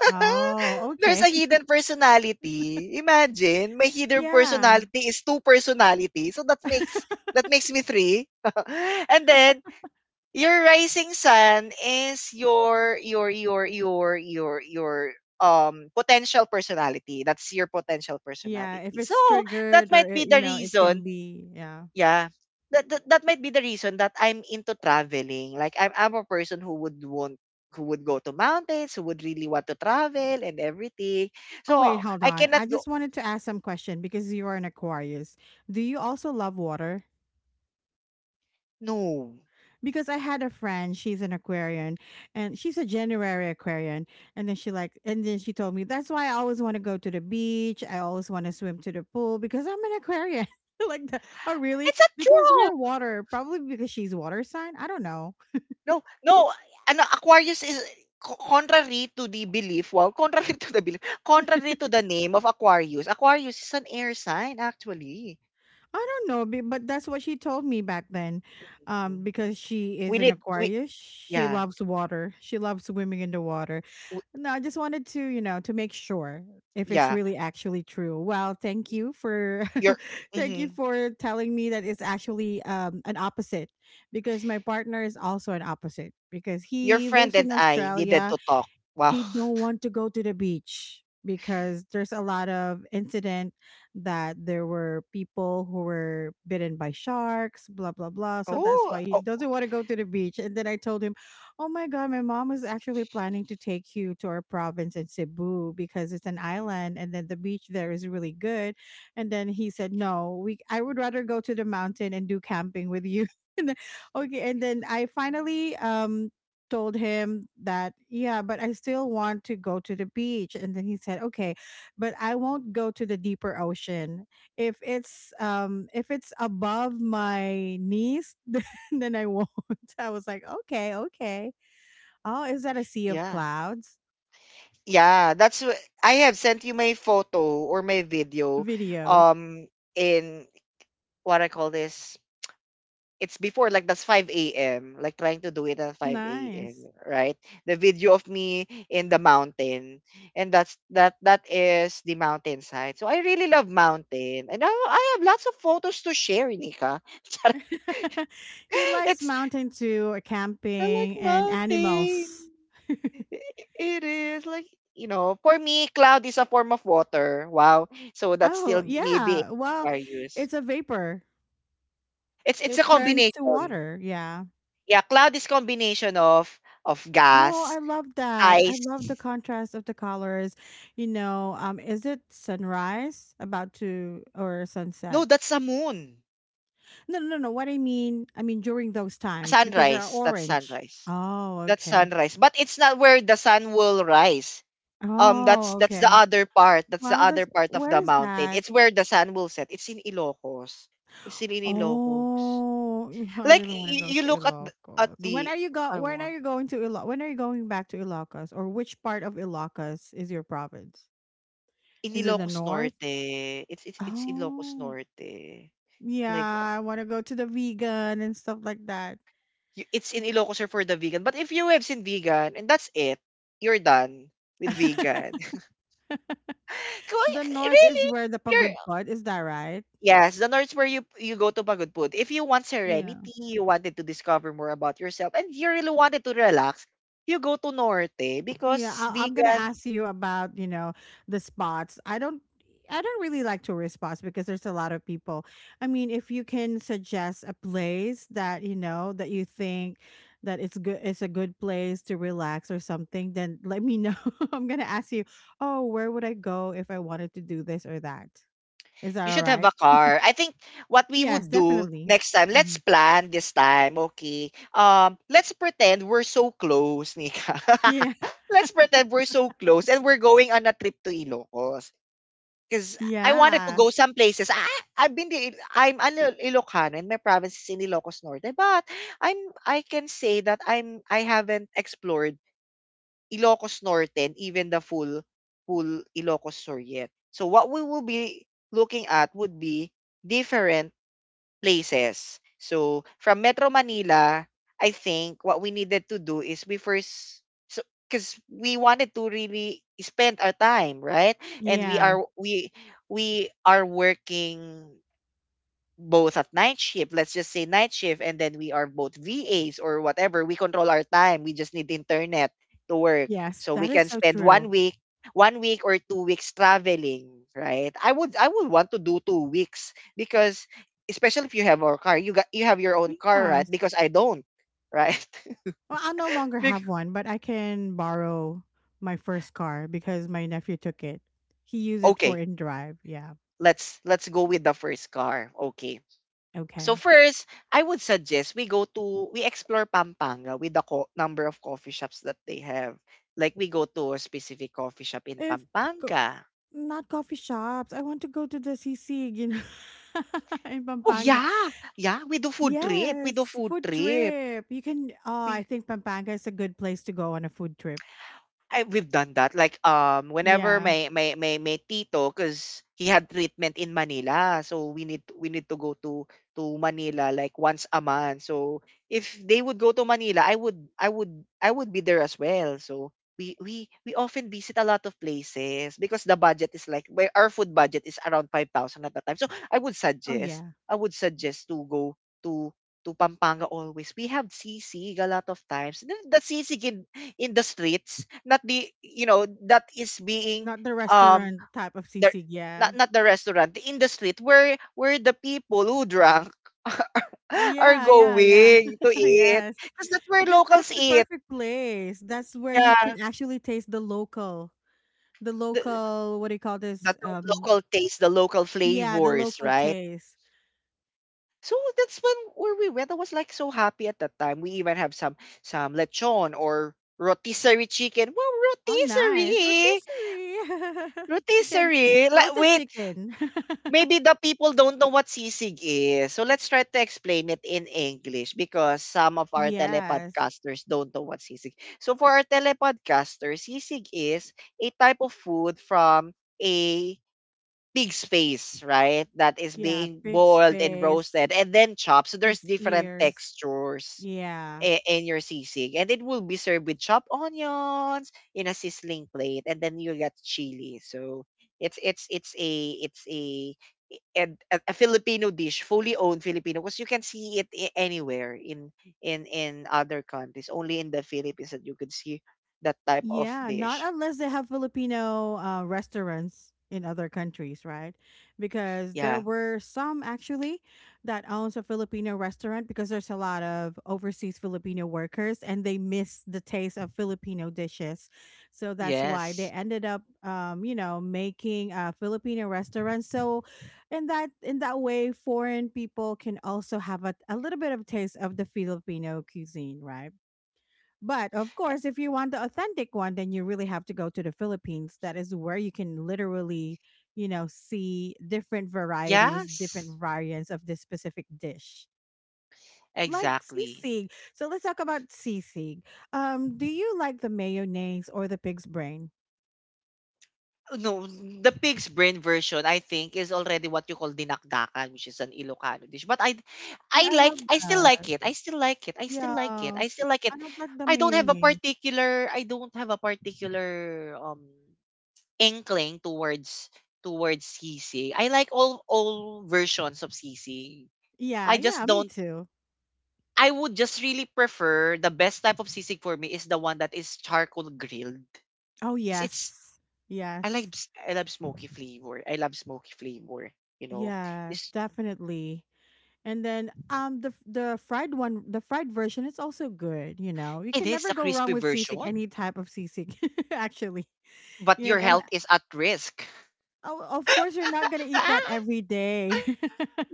S2: Oh,
S1: There's a
S2: okay.
S1: hidden personality. Imagine, my hidden
S2: Yeah.
S1: personality is two personality. So that makes, that makes me three. And then your rising sun is your potential personality. That's your potential
S2: Yeah, if
S1: personality. So
S2: it's
S1: that
S2: triggered or
S1: might be
S2: it, you
S1: the
S2: know, it can
S1: reason.
S2: be, yeah.
S1: Yeah. That that might be the reason that I'm into traveling. Like I'm a person who would want, who would go to mountains, who would really want to travel and everything.
S2: Oh wait,
S1: So
S2: hold
S1: I
S2: on. I
S1: cannot go,
S2: just wanted to ask some question because you are an Aquarius. Do you also love water?
S1: no.
S2: Because I had a friend, she's an Aquarian and she's a January Aquarian. And then she told me that's why I always want to go to the beach. I always want to swim to the pool because I'm an Aquarian. Like that. Oh really?
S1: It's not
S2: Because we
S1: true.
S2: are water. Probably because she's water sign. I don't know.
S1: No, no. Ano, Aquarius is contrary to the belief. Well, contrary to the belief. Contrary to the name of Aquarius. Aquarius is an air sign actually.
S2: I don't know, but that's what she told me back then.
S1: Mhm.
S2: Because she is
S1: We
S2: an
S1: need we
S2: Aquarius, she
S1: yeah.
S2: loves water. She loves swimming in the water.
S1: W-
S2: No, I just wanted to, you know, to make sure if it's
S1: yeah.
S2: really actually true. Well, thank you for
S1: Your
S2: thank you
S1: mhm,
S2: for telling me that it's actually an opposite because my partner is also an opposite because
S1: your
S2: he
S1: friend
S2: lives
S1: and
S2: in
S1: I needed
S2: Australia.
S1: to talk. Wow.
S2: He don't want to go to the beach because there's a lot of incident that there were people who were bitten by sharks blah blah blah, so that's
S1: Oh,
S2: why he
S1: oh,
S2: doesn't want to go to the beach. And then I told him, oh my god, my mom was actually planning to take you to our province in Cebu because it's an island and then the beach there is really good. And then he said, no, we I would rather go to the mountain and do camping with you. And then, okay, and then I finally told him that, yeah, but I still want to go to the beach. And then he said, okay, but I won't go to the deeper ocean. If it's above my knees, then I won't. I was like, okay, okay. Oh, is that a sea of
S1: yeah.
S2: clouds?
S1: Yeah, I have sent you my photo or my video
S2: Videos.
S1: um in what I call this. It's before, like, that's 5 a.m., like trying to do it at 5 a.m.,
S2: Nice.
S1: right? The video of me in the mountain, and that is the mountainside. So I really love mountain, and I have lots of photos to share, Nika.
S2: He likes
S1: it's
S2: mountain too, or
S1: I like
S2: camping and
S1: mountain.
S2: animals.
S1: I- It is like, you know, for me, cloud is a form of water. Wow. So that's
S2: Oh,
S1: still me being
S2: yeah. Well,
S1: Aquarius.
S2: it's a vapor.
S1: It's a
S2: It turns to
S1: combination.
S2: water. Yeah.
S1: Yeah, cloud is combination of
S2: Oh, I
S1: gas,
S2: love that. I
S1: ice.
S2: love the contrast of the colors. You know, is it sunrise about to or
S1: No,
S2: sunset?
S1: that's a moon.
S2: No, no, no. What I mean during those times because they're
S1: Sunrise. That's
S2: orange.
S1: sunrise.
S2: Oh,
S1: That's
S2: okay.
S1: sunrise, but it's not where the sun will rise. That's
S2: Oh,
S1: that's the
S2: okay.
S1: other part. That's the
S2: Wow,
S1: other
S2: that's
S1: part of
S2: where
S1: the
S2: is
S1: mountain.
S2: that?
S1: It's where the sun will set. It's in Ilocos. It's still in Ilocos.
S2: Oh, I
S1: Like
S2: really want to go
S1: you
S2: to
S1: look at the at
S2: Ilocos. When
S1: the
S2: are you go?
S1: I
S2: When are
S1: want
S2: you going to Ilo- When are you going back to Ilocos, or which part of Ilocos is your province?
S1: in
S2: Is it the
S1: Ilocos
S2: north?
S1: Norte. It's Ilocos
S2: Oh.
S1: Norte. Like
S2: Yeah, I want to go to the vegan and stuff like that.
S1: it's in Ilocos or for the vegan. But if you have seen vegan, and that's it, you're done with vegan.
S2: The north is
S1: Really?
S2: where the
S1: You're
S2: pagod pod is that right?
S1: Yes, the North's where you go to pagod food. If you want
S2: Yeah.
S1: serenity, you wanted to discover more about yourself, and you really wanted to relax, you go to Norte
S2: Yeah,
S1: because
S2: I- I'm going to
S1: vegan.
S2: ask you about, you know, the spots. I don't really like tourist spots because there's a lot of people. I mean, if you can suggest a place that, you know, that you think that it's a good place to relax or something, then let me know. I'm going to ask you, "Oh, where would I go if I wanted to do this or that? Is that
S1: You
S2: all
S1: should have a
S2: right?
S1: car. I think what we
S2: Yes,
S1: would do
S2: definitely.
S1: next time, let's
S2: Mhm.
S1: plan this time, okay? Let's pretend we're so close, Nika.
S2: Yeah.
S1: Let's pretend we're so close and we're going on a trip to Ilocos. Because I wanted to
S2: Yeah.
S1: go some places. I've been to, I'm an Ilocano, and my province is in Ilocos Norte. But I'm, I can say that I haven't explored Ilocos Norte and even the full Ilocos Sur yet. So what we will be looking at would be different places. So from Metro Manila, I think what we needed to do is we first so because we wanted to really spend our time, right? And
S2: Yeah.
S1: we are working both at night shift, let's just say night shift, and then we are both VAs or whatever, we control our time. We just need internet to work.
S2: Yes,
S1: So we
S2: that is
S1: can
S2: so
S1: spend
S2: true.
S1: one week or two weeks traveling, right? I would want to do two weeks because especially if you have our car, you got you have your own car, right?
S2: Yes.
S1: Because I don't, right?
S2: Well, I'll no longer
S1: Bec-
S2: have one, but I can borrow my first car because my nephew took it. He used it for
S1: okay,
S2: in drive. Yeah.
S1: let's go with the first car. Okay. So
S2: Okay.
S1: first, I would suggest we go to we explore Pampanga with the number of coffee shops that they have. Like we go to a specific coffee shop in
S2: If co-
S1: Pampanga.
S2: Not coffee shops, I want to go to the CC, you know, in
S1: Oh
S2: Pampanga.
S1: yeah, yeah. We do food trip. We do
S2: Yes,
S1: food
S2: food
S1: trip.
S2: trip. You can. Oh, I think Pampanga is a good place to go on a food trip.
S1: I we've done that. Like whenever
S2: Yeah.
S1: my tito cuz he had treatment in Manila. So we need to go to Manila like once a month. So if they would go to Manila, I would be there as well. So we often visit a lot of places because the budget is like where our food budget is around 5,000 at the time. So
S2: Oh, yeah.
S1: I would suggest to go to to Pampanga always. We have sisig a lot of times. The sisig in the streets, not the, you know, that is being
S2: Not the
S1: um
S2: restaurant type of
S1: the
S2: sisig,
S1: not
S2: yeah.
S1: not the restaurant, in the street where the people who drank are
S2: Yeah, yeah, yeah.
S1: going to eat,
S2: Yes.
S1: because that's where
S2: Because that's
S1: locals
S2: the
S1: eat,
S2: perfect place. That's where you
S1: yeah,
S2: can actually taste the local,
S1: the,
S2: what do you call this?
S1: that local taste, the local
S2: Yeah, the
S1: flavors,
S2: local
S1: right?
S2: taste.
S1: So that's when where we went, I was like so happy at that time. We even have some lechon or rotisserie chicken. Wow,
S2: Oh, nice.
S1: rotisserie,
S2: Rotisserie. Chicken,
S1: rotisserie, like,
S2: roasted
S1: wait,
S2: chicken.
S1: maybe the people don't know what sisig is. So let's try to explain it in English because some of our
S2: Yes.
S1: telepodcasters don't know what sisig. So for our telepodcasters, sisig is a type of food from a pig's face, right? That is
S2: Yeah,
S1: being
S2: pig's
S1: boiled and
S2: face,
S1: roasted and then chopped. So there's
S2: pig's
S1: different
S2: ears.
S1: textures
S2: Yeah.
S1: and your sisig. And it will be served with chopped onions in a sizzling plate, and then you get chili. So it's a it's a a, a Filipino dish, fully owned Filipino, because you can see anywhere in other countries. Only in the Philippines that you can see that type of
S2: Yeah, not
S1: dish.
S2: unless they have Filipino restaurants in other countries, right? Because there
S1: Yeah.
S2: were some actually that owns a Filipino restaurant because there's a lot of overseas Filipino workers and they miss the taste of Filipino dishes. So that's why they
S1: Yes.
S2: ended up you know, making a Filipino restaurant. So in that way foreign people can also have a little bit of taste of the Filipino cuisine, right? But of course, if you want the authentic one, then you really have to go to the Philippines. That is where you can literally, you know, see different varieties,
S1: Yes.
S2: different variants of this specific dish. Like
S1: Exactly.
S2: sisig. So let's talk about sisig. Do you like the mayonnaise or the pig's brain?
S1: No, the pig's brain version, I think, is already what you call dinakdakan, which is an Ilocano dish. But
S2: Yeah,
S1: I
S2: I
S1: like,
S2: love
S1: I still like
S2: that.
S1: it. I still like it. I still
S2: Yeah.
S1: like it. I still like it.
S2: I don't like the mayonnaise.
S1: I don't have a particular inkling towards towards sisig. I like all versions of sisig.
S2: Yeah,
S1: I just
S2: yeah, me
S1: don't,
S2: too.
S1: I would just really prefer, the best type of sisig for me is the one that is charcoal grilled.
S2: Oh
S1: Because it's
S2: yes. Yes.
S1: I love smoky flavor. I love smoky flavor. You know,
S2: Yes,
S1: it's
S2: definitely. And then the fried one, the fried version is also good, you know. You
S1: it
S2: can
S1: is
S2: never
S1: the
S2: go wrong
S1: crispy
S2: with sisig,
S1: version,
S2: any type of sisig actually.
S1: but
S2: Yeah, and
S1: your
S2: and
S1: health is at risk.
S2: oh, of course you're not going to eat that every day.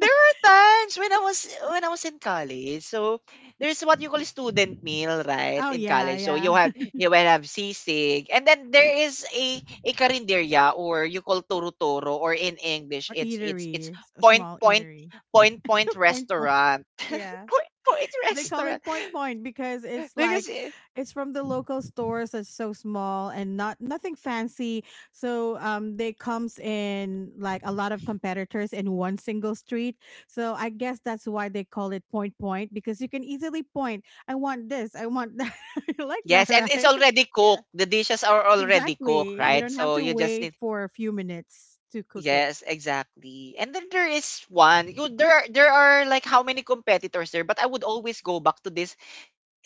S1: There were times when I was in college. So there's what you call student meal, right?
S2: Oh
S1: In
S2: yeah,
S1: college, so you
S2: yeah.
S1: have you will have sisig, and then there is a karinderya, or you call toro toro, or in English,
S2: Or
S1: it's
S2: eatery, a
S1: point
S2: small
S1: point,
S2: eatery.
S1: point point
S2: Point point.
S1: restaurant.
S2: Yeah.
S1: Point point
S2: They call
S1: restaurant
S2: it point point because it's like
S1: because eh,
S2: it's from the local stores that's so small and not nothing fancy, so they comes in like a lot of competitors in one single street, so I guess that's why they call it point point because you can easily point I want this I want that. You like that,
S1: yes, and it's
S2: right?
S1: already
S2: Yeah,
S1: cooked. The dishes are already cooked. Mm,
S2: exactly, you
S1: right?
S2: don't have
S1: So
S2: to
S1: you just
S2: wait
S1: need,
S2: for a few minutes to cook it.
S1: yes, exactly. And then there is one. You, there are like how many competitors there, but I would always go back to this.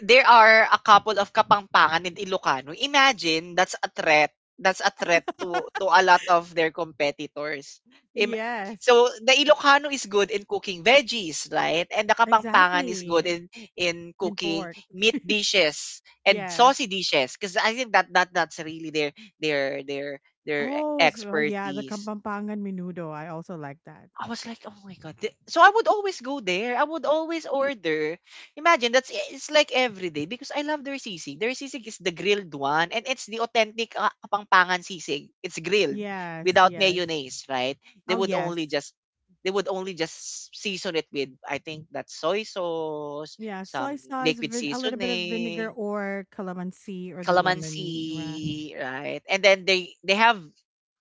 S1: There are a couple of Kapampangan and Ilocano. Imagine, that's a threat. That's a threat to a lot of their competitors. Im-
S2: Yes,
S1: so the Ilocano is good in cooking veggies, right? And the Kapampangan is good
S2: exactly.
S1: in
S2: And
S1: cooking
S2: pork.
S1: meat dishes and
S2: Yes.
S1: saucy dishes because I think that that's really their their
S2: Oh, so yeah, the
S1: expertise.
S2: Kapampangan menudo. I also like that.
S1: I was like, oh my god. So I would always go there. I would always order. Imagine, that's eh, it's like every day because I love their sisig. Their sisig is the grilled one, and it's the authentic Kapampangan sisig. It's grilled
S2: Yes,
S1: without
S2: yes.
S1: mayonnaise, right? They
S2: Oh,
S1: would only
S2: yes.
S1: just they would only just season it with, I think that's soy sauce,
S2: Yeah, soy
S1: some
S2: sauce,
S1: liquid
S2: a little bit of vinegar
S1: seasoning,
S2: or calamansi or the lemon.
S1: calamansi, right? And then they have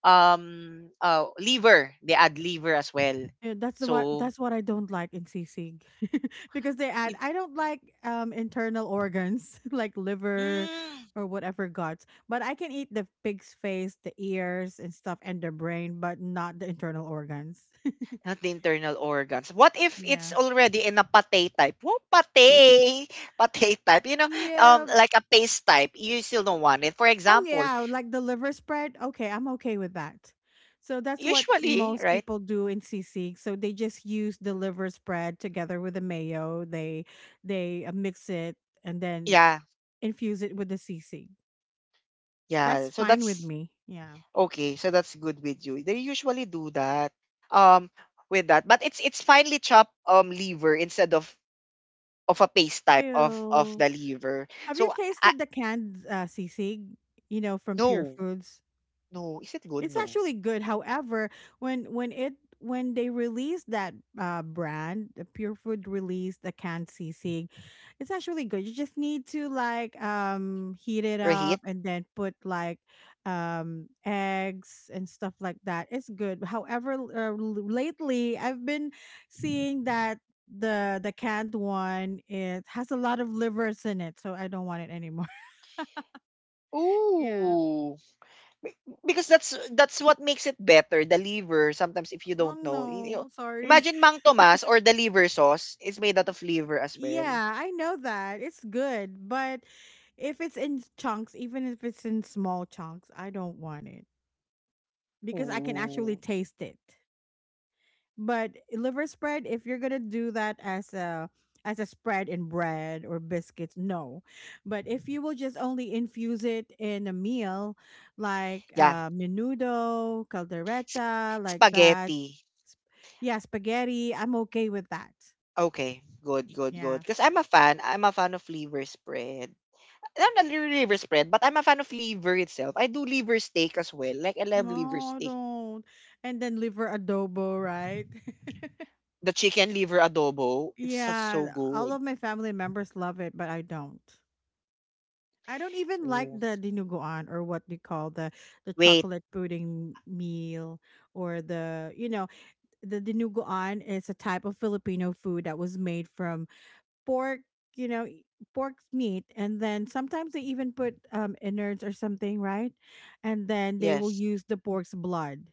S1: liver. They add liver as well.
S2: Yeah, that's the what
S1: So
S2: that's what I don't like in sisig because they add.
S1: it,
S2: I don't like internal organs like liver
S1: mm,
S2: or whatever guts, but I can eat the pig's face, the ears and stuff, and the brain, but not the internal organs.
S1: not the internal organs. What if it's
S2: Yeah.
S1: already in a pate type? Whoa, pate, pate type. You know,
S2: Yeah,
S1: like a paste type. You still don't want it. For
S2: oh
S1: example,
S2: yeah, like the liver spread. Okay, I'm okay with that. So that's what
S1: usually,
S2: most
S1: right?
S2: people do in CC. So they just use the liver spread together with the mayo. They mix it and then
S1: Yeah,
S2: infuse it with the CC.
S1: yeah.
S2: That's
S1: So
S2: fine with
S1: that's
S2: me. Yeah.
S1: okay. So that's good with you. They usually do that. Um, with that, but it's finely chopped liver instead of a paste type of
S2: Still,
S1: the liver.
S2: have you
S1: So I,
S2: tasted the canned CC? You know, from Pure
S1: no,
S2: Foods.
S1: no. Is it good?
S2: It's
S1: No.
S2: actually good. However, when when it when they released that brand, the Pure Food released the canned sisig, it's actually good. You just need to like heat it
S1: Right?
S2: up and then put like eggs and stuff like that. It's good. However, lately I've been seeing that the canned one it has a lot of livers in it, so I don't want it anymore. yeah.
S1: Ooh. Be- because that's what makes it better. The liver, sometimes, if you
S2: Oh
S1: don't know, you know,
S2: no, sorry.
S1: imagine Mang Tomas, or the liver sauce is made out of liver as well.
S2: Yeah, I know that. It's good, but if it's in chunks, even if it's in small chunks, I don't want it because I can actually
S1: Ooh.
S2: taste it. But liver spread, if you're going to do that as a spread in bread or biscuits, no. But if you will just only infuse it in a meal like
S1: Yeah,
S2: menudo,
S1: sp-
S2: caldereta, like that.
S1: spaghetti.
S2: sp- Yeah, spaghetti, I'm okay with that.
S1: Okay, good, good,
S2: Yeah.
S1: good. Because I'm a fan. I'm a fan of liver spread. I'm not really liver spread, but I'm a fan of liver itself. I do liver steak as well. Like, I love liver
S2: No,
S1: steak.
S2: don't. And then liver adobo, right?
S1: The chicken liver adobo, it's so so
S2: yeah, all
S1: good.
S2: of my family members love it, but I don't. I don't even like
S1: Ooh.
S2: the dinuguan or what they call the
S1: Wait,
S2: chocolate pudding meal or the you know the dinuguan is a type of Filipino food that was made from pork, you know, y- pork meat, and then sometimes they even put innards or something, right? And then they will
S1: yes.
S2: use the pork's blood.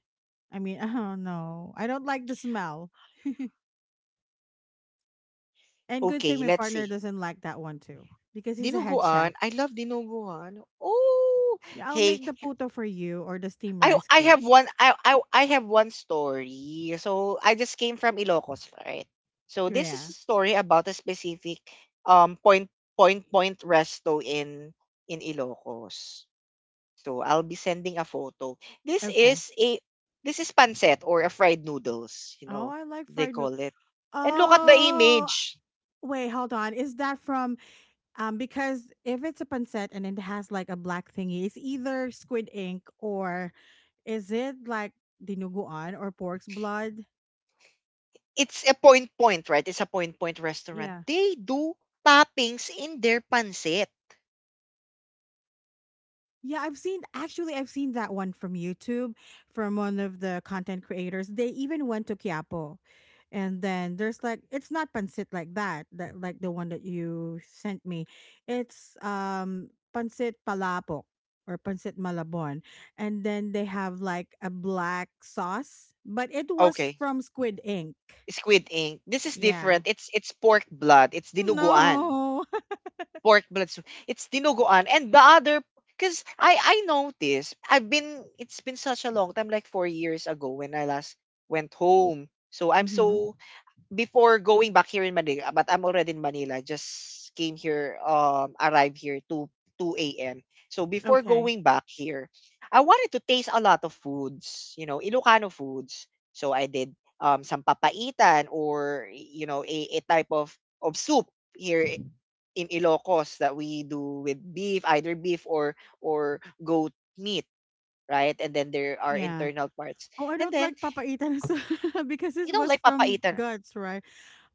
S2: I mean, I don't know. I don't like the smell. And good thing
S1: Okay,
S2: my
S1: let's
S2: partner
S1: see.
S2: doesn't like that one too, because he's a head
S1: Dinuguan?
S2: chef.
S1: I love dinuguan. Oh,
S2: Yeah, I'll
S1: hey,
S2: make the puto for you or the steamed rice
S1: I
S2: cake.
S1: have one I have one story. So I just came from Ilocos, right? So this is
S2: Yeah.
S1: a story about a specific point point, point resto in Ilocos. So I'll be sending a photo. This
S2: Okay.
S1: is a this is pancet or a fried noodles, you
S2: Oh,
S1: know,
S2: I like
S1: they
S2: fried
S1: call
S2: noodles.
S1: it. And look at the
S2: Oh,
S1: image.
S2: wait, hold on. Is that from because if it's a pancit and it has like a black thingy, it's either squid ink or is it like dinuguan or pork's blood?
S1: It's a point point, right? It's a point point restaurant.
S2: Yeah.
S1: They do toppings in their pancit.
S2: Yeah, I've seen that one from YouTube from one of the content creators. They even went to Quiapo. And then there's like it's not pancit like that, that like the one that you sent me. It's pancit palapok or pancit malabon. And then they have like a black sauce, but it was
S1: Okay.
S2: from Squid Ink.
S1: Squid ink. This is
S2: Yeah.
S1: different. It's pork blood. It's dinuguan.
S2: No.
S1: Pork blood soup. It's dinuguan. And the other, because I noticed I've been it's been such a long time, like four years ago, when I last went home. So I'm
S2: mhm.
S1: so before going back here in Manila, but I'm already in Manila. Just came here, arrived here 2 a.m. So before
S2: Okay.
S1: going back here, I wanted to taste a lot of foods, you know, Ilocano foods. So I did some papaitan, or you know, a type of soup here in Ilocos that we do with beef, either beef or goat meat, right? And then there are
S2: Yeah.
S1: internal parts.
S2: Oh, I
S1: And
S2: don't
S1: then,
S2: like papaitan as because this
S1: you know,
S2: was
S1: like
S2: from
S1: papaitan.
S2: guts, right?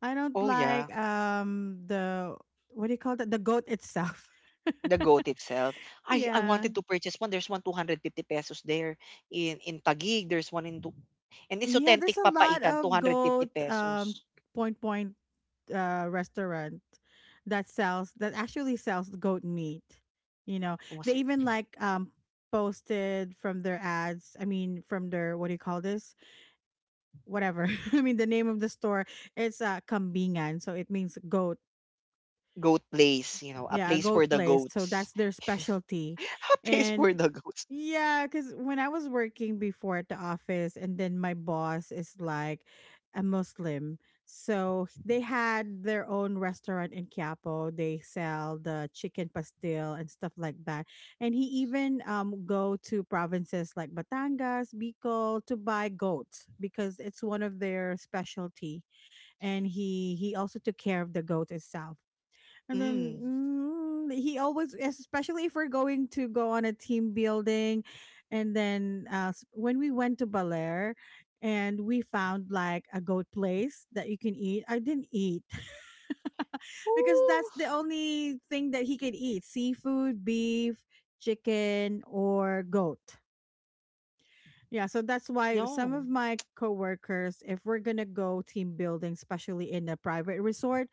S2: I don't
S1: Oh yeah.
S2: like the what do you call that? The goat itself.
S1: The goat itself. I
S2: yeah.
S1: wanted to purchase one. There's one 250 pesos there in Taguig. There's one in Du- and it's
S2: Yeah, there's
S1: authentic
S2: a lot
S1: papaitan
S2: of
S1: 250
S2: goat
S1: pesos.
S2: point point restaurant that sells that actually sells goat meat. You know,
S1: It
S2: they
S1: was like
S2: even like posted from their ads, I mean from their what do you call this? Whatever. I mean the name of the store it's kambingan, so it means goat.
S1: goat place, you know, a
S2: Yeah,
S1: place for
S2: gold
S1: the
S2: place. So
S1: goats.
S2: that's their specialty.
S1: a place for
S2: And
S1: the goats.
S2: yeah, because when I was working before at the office, and then my boss is like a Muslim. So they had their own restaurant in Quiapo. They sell the chicken pastil and stuff like that. And he even go to provinces like Batangas, Bicol to buy goats because it's one of their specialty. And he also took care of the goat itself. And then
S1: Mm.
S2: he always, especially if we're going to go on a team building, and then when we went to Belair, and we found like a goat place that you can eat. I didn't eat because
S1: Ooh,
S2: that's the only thing that he can eat: seafood, beef, chicken, or goat. Yeah, so that's why some
S1: no.
S2: of my coworkers, if we're gonna go team building, especially in a private resort,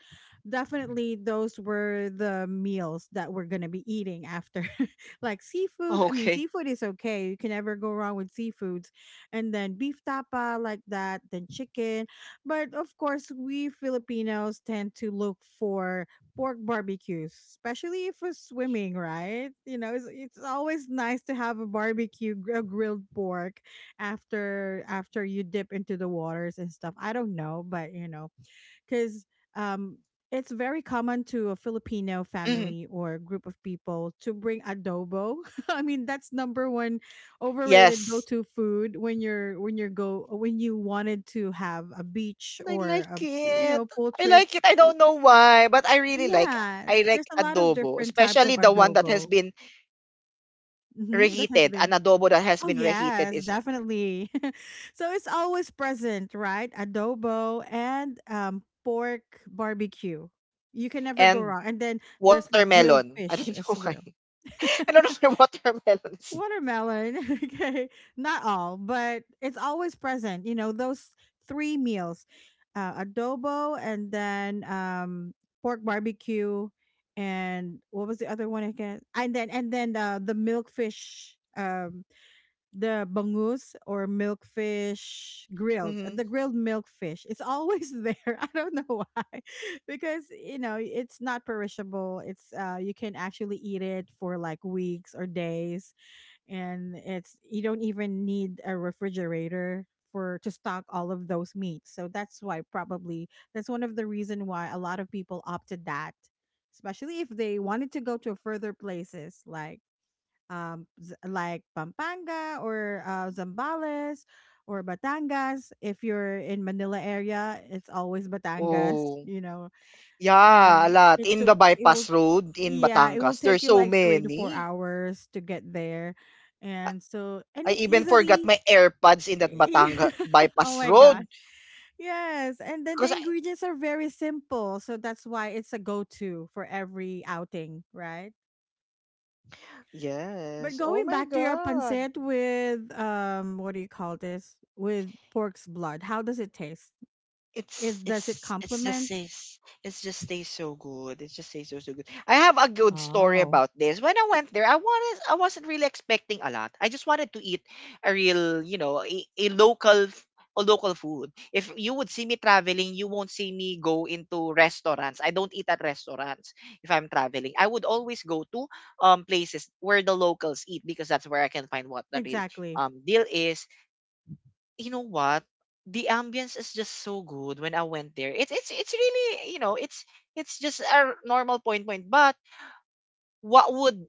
S2: definitely those were the meals that we're gonna be eating after. like seafoods, I mean,
S1: Okay.
S2: seafood is okay. You can never go wrong with seafoods. And then beef tapa like that, then chicken. But of course, we Filipinos tend to look for pork barbecues, especially if we're swimming, right? You know, it's always nice to have a barbecue, a grilled pork after you dip into the waters and stuff. I don't know, but you know, because um, it's very common to a Filipino
S1: Mhm.
S2: family or group of people to bring adobo. I mean, that's number one overrated
S1: Yes.
S2: go-to food when you're go when you wanted to have a beach
S1: And I
S2: or a
S1: like
S2: you
S1: it.
S2: know pool
S1: I
S2: trip.
S1: like it. I don't know why, but I really like
S2: Yeah,
S1: I
S2: there's
S1: like
S2: a lot of
S1: adobo,
S2: different types
S1: especially
S2: of
S1: the one that has
S2: adobo.
S1: been
S2: Hmm that has
S1: reheated. An
S2: been
S1: adobo that has
S2: Oh
S1: been reheated
S2: yes,
S1: is
S2: definitely. so it's always present, right? Adobo and pork barbecue. You can never go
S1: and
S2: wrong. And then there's like grilled
S1: watermelon. I don't
S2: fish
S1: know
S2: as
S1: why.
S2: well.
S1: I don't know why watermelons is.
S2: Watermelon, okay. Not all, but it's always present. You know, those three meals. Adobo and then pork barbecue and what was the other one again? And then the milkfish the bangus or milkfish grilled
S1: Mhm.
S2: the grilled milkfish, it's always there, I don't know why. because you know it's not perishable, it's you can actually eat it for like weeks or days, and it's you don't even need a refrigerator for to stock all of those meats, so that's why probably that's one of the reason why a lot of people opted that, especially if they wanted to go to further places like like Pampanga or Zambales or Batangas. If you're in Manila area, it's always Batangas,
S1: Oh.
S2: you know.
S1: Yeah, a
S2: And
S1: lot.
S2: it
S1: In
S2: took
S1: the
S2: it will
S1: bypass road in
S2: yeah, it will
S1: Batangas,
S2: take
S1: there's
S2: you
S1: so
S2: like 3 to 4
S1: many.
S2: hours to get there. And so and
S1: I
S2: it's
S1: even forgot
S2: easily
S1: my AirPods in that Batanga
S2: oh
S1: bypass
S2: my god.
S1: road.
S2: Yes, and then the
S1: Because I,
S2: ingredients are very simple, so that's why it's a go-to for every outing, right? But
S1: yes. Oh
S2: going
S1: my
S2: back to your
S1: God.
S2: pancit with what do you call this? With pork's blood, how does it taste?
S1: it's
S2: It does it
S1: it's it's just
S2: complement?
S1: says it's just tastes so good. It just tastes so good. I have a good story
S2: Oh,
S1: about this. When I went there, I wasn't really expecting a lot. I just wanted to eat a real, you know, a local a local food. If you would see me traveling, you won't see me go into restaurants. I don't eat at restaurants if I'm traveling. I would always go to places where the locals eat because that's where I can find what the real
S2: exactly.
S1: deal is. You know what? The ambience is just so good when I went there. It's really, you know, it's just a normal point point. But what would,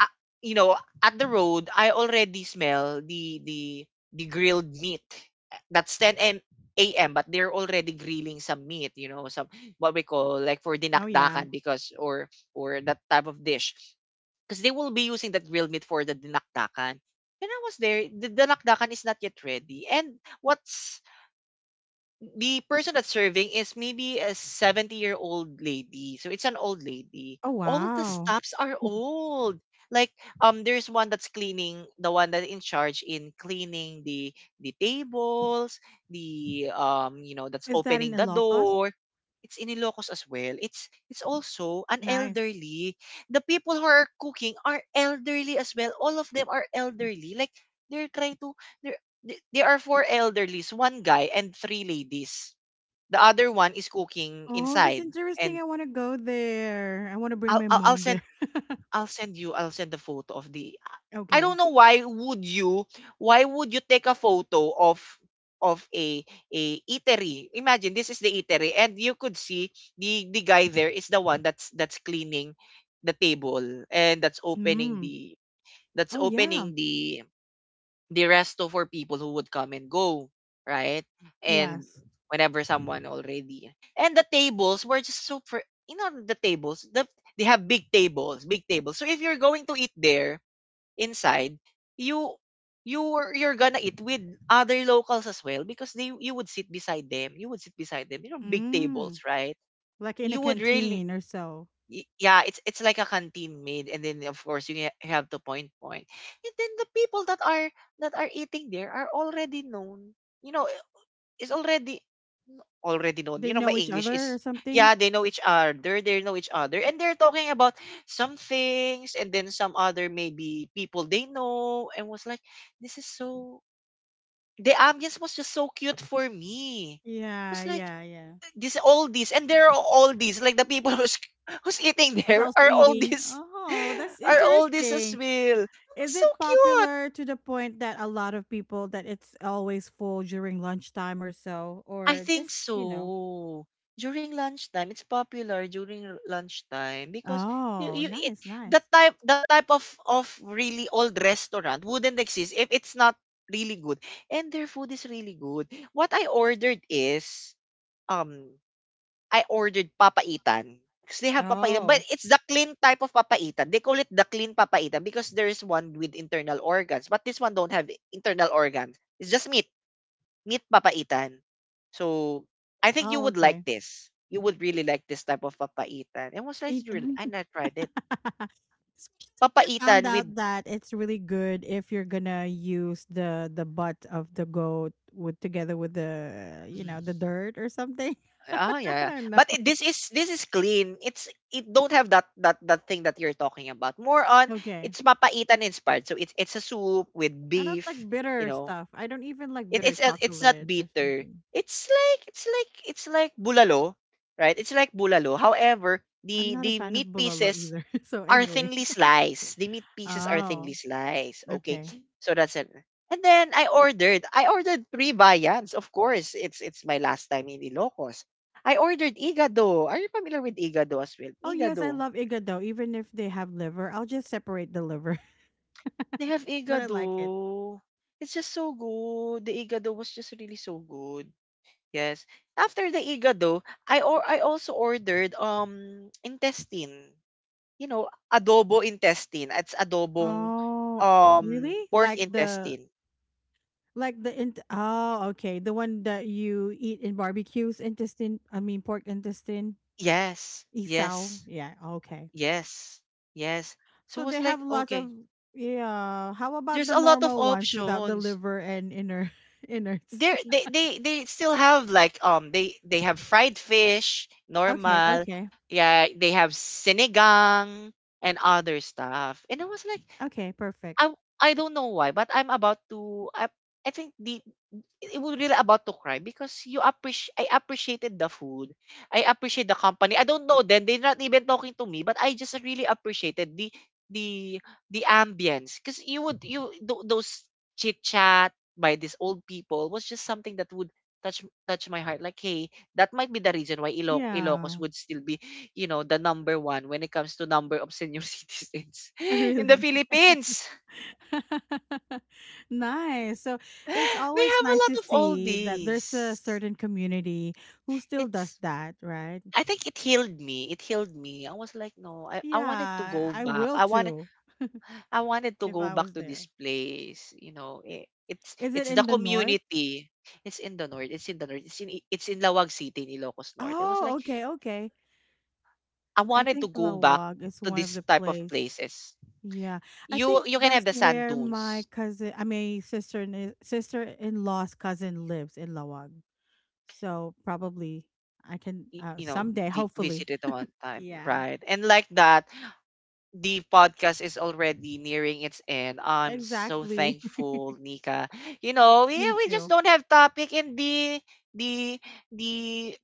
S1: uh, you know, at the road? I already smell the the grilled meat. That's 10 a.m. But they're already grilling some meat. You know, some what we call like for
S2: Oh yeah.
S1: dinakdakan because or that type of dish because they will be using that grilled meat for the dinakdakan. And I was there. The dinakdakan is not yet ready. And what's the person that's serving is maybe a 70-year-old lady. So it's an old lady.
S2: Oh
S1: All the
S2: wow.
S1: staffs are old. Like, there's one that's cleaning, the one that in charge in cleaning the tables, the you know, that's
S2: Is that in
S1: opening the
S2: Ilocos?
S1: door. It's in Ilocos as well. It's also an
S2: Nice.
S1: elderly. The people who are cooking are elderly as well. All of them are elderly. Like, they're trying to, they're there are four elderlies, one guy and three ladies. The other one is cooking
S2: Oh, that's
S1: inside.
S2: interesting.
S1: And
S2: I want to go there. I want to bring
S1: I'll,
S2: my
S1: I'll I'll
S2: mom there.
S1: send I'll send you I'll send the photo of the. I don't
S2: okay.
S1: know why would you, why would you take a photo of a eatery. Imagine this is the eatery and you could see the guy there is the one that's cleaning the table and that's opening
S2: Mm.
S1: the, that's
S2: Oh yeah.
S1: opening the rest of were people who would come and go, right? And
S2: Yes.
S1: whenever someone already, and the tables were just super, you know, the tables, the they have big tables, big tables. So if you're going to eat there inside, you you were you're gonna eat with other locals as well, because they you would sit beside them. You would sit beside them. You know, big tables,
S2: Mm.
S1: right?
S2: Like in a
S1: You would really.
S2: canteen or so.
S1: Yeah, it's like a canteen made, and then of course you, you have to point point, and then the people that are eating there are already known. You know, is already already known. You
S2: They
S1: know, my
S2: know each
S1: English
S2: other
S1: is.
S2: or something.
S1: Yeah, they know each other, they know each other, and they're talking about some things, and then some other maybe people they know, and was like, this is so, the ambience was just so cute for me.
S2: Yeah.
S1: Was like
S2: Yeah. Yeah.
S1: this all these, and there are all these like the people who's who's eating
S2: Is
S1: there
S2: also
S1: are all
S2: eating.
S1: these
S2: Oh, that's
S1: are all these as
S2: interesting.
S1: well,
S2: Is
S1: so
S2: it
S1: cute.
S2: popular to the point that a lot of people that it's always full during lunchtime or so,
S1: I
S2: or just
S1: think
S2: you know?
S1: so. During lunchtime it's popular, during lunchtime, because you,
S2: Oh,
S1: you it
S2: nice,
S1: that
S2: nice.
S1: type, that type of really old restaurant wouldn't exist if it's not really good, and their food is really good. What I ordered is, um I ordered papaitan because they have papaitan,
S2: Oh,
S1: but it's the clean type of papaitan. They call it the clean papaitan because there is one with internal organs, but this one don't have internal organs. It's just meat, meat papaitan. So, I think you
S2: oh,
S1: would like
S2: okay.
S1: this. You would really like this type of papaitan. And was like,
S2: Eat.
S1: really,
S2: Them.
S1: and I tried it.
S2: Especially when I found
S1: Papaitan
S2: out
S1: with,
S2: that it's really good if you're gonna use the butt of the goat with together with the you know the
S1: mm,
S2: dirt or something.
S1: ah,
S2: I
S1: yeah, yeah.
S2: don't know.
S1: But it, this is clean. It's it don't have that thing that you're talking about. More on,
S2: Okay.
S1: it's mapaitan inspired. So it's a soup with
S2: I don't
S1: beef.
S2: like
S1: You
S2: bitter
S1: know,
S2: stuff. I don't even like
S1: it,
S2: bitter
S1: it's a- it's not
S2: chocolate or
S1: bitter.
S2: something.
S1: It's like, it's like bulalo, right? It's like bulalo. However,
S2: I'm not a
S1: the
S2: fan of
S1: meat
S2: bulalo
S1: pieces
S2: either. so
S1: are
S2: anyway.
S1: thinly sliced. The meat pieces are thinly
S2: Oh,
S1: sliced. Okay.
S2: okay.
S1: So that's it. And then I ordered. I ordered three viands. Of course, it's my last time in Ilocos. I ordered igado. Are you familiar with igado as well?
S2: Oh yes, I
S1: Igado.
S2: love igado. Even if they have liver, I'll just separate the liver.
S1: They have
S2: but I like it.
S1: igado. It's just so good. The igado was just really so good. Yes. After the igado, I also ordered intestine. You know, adobo intestine. It's adobong,
S2: Oh,
S1: oh,
S2: really?
S1: pork intestine.
S2: Like the oh okay the one that you eat in barbecues intestine. I mean pork intestine.
S1: Yes.
S2: Isao.
S1: Yes.
S2: Yeah. Okay.
S1: Yes. Yes. So it
S2: So
S1: was
S2: they
S1: like,
S2: have lots of
S1: okay,
S2: yeah. How about
S1: there's
S2: the
S1: a lot of
S2: normal ones without the
S1: options.
S2: liver and inner innards?
S1: There they still have like, they have fried fish,
S2: Okay,
S1: normal.
S2: okay.
S1: Yeah, they have sinigang and other stuff. And I was like,
S2: Okay, perfect.
S1: I I don't know why, but I'm about to I think the it it was really about to cry because you appreciate I appreciated the food. I appreciate the company. I don't know then they're not even talking to me, but I just really appreciated the the ambience, because you would you those chit chat by these old people was just something that would touch my heart. Like, hey, that might be the reason why Ilocos
S2: Yeah.
S1: would still be, you know, the number one when it comes to number of senior citizens in the
S2: Really.
S1: Philippines.
S2: nice. So
S1: they
S2: it's always
S1: have a
S2: nice
S1: lot
S2: to
S1: of
S2: see that there's a
S1: oldies.
S2: certain community who still does
S1: It's,
S2: that, right?
S1: I think it healed me. It healed me. I was like, no, I wanted to
S2: Yeah,
S1: go
S2: I
S1: back.
S2: will
S1: I wanted,
S2: too
S1: I wanted to
S2: if
S1: go
S2: I
S1: back
S2: was
S1: to
S2: there.
S1: this place. You know,
S2: Is it
S1: it's the
S2: in the north?
S1: community. It's in the north. It's in the north. It's in it's in Lawag City in Ilocos North. I was
S2: Oh,
S1: like,
S2: okay, okay.
S1: I
S2: I
S1: wanted to
S2: think
S1: go back
S2: Lawag is
S1: to
S2: one of
S1: this
S2: the
S1: type of
S2: place.
S1: places.
S2: Yeah, I
S1: You
S2: think
S1: you can have
S2: that's
S1: the sand
S2: where my
S1: dunes.
S2: cousin, I mean sister in law's cousin lives in Lawag. So probably I can
S1: You know,
S2: someday, hopefully.
S1: visited at one time,
S2: Yeah,
S1: right? And like that, the podcast is already nearing its end. I'm so
S2: exactly.
S1: thankful, Nika. You know,
S2: Me
S1: we just
S2: too.
S1: don't have topic and the the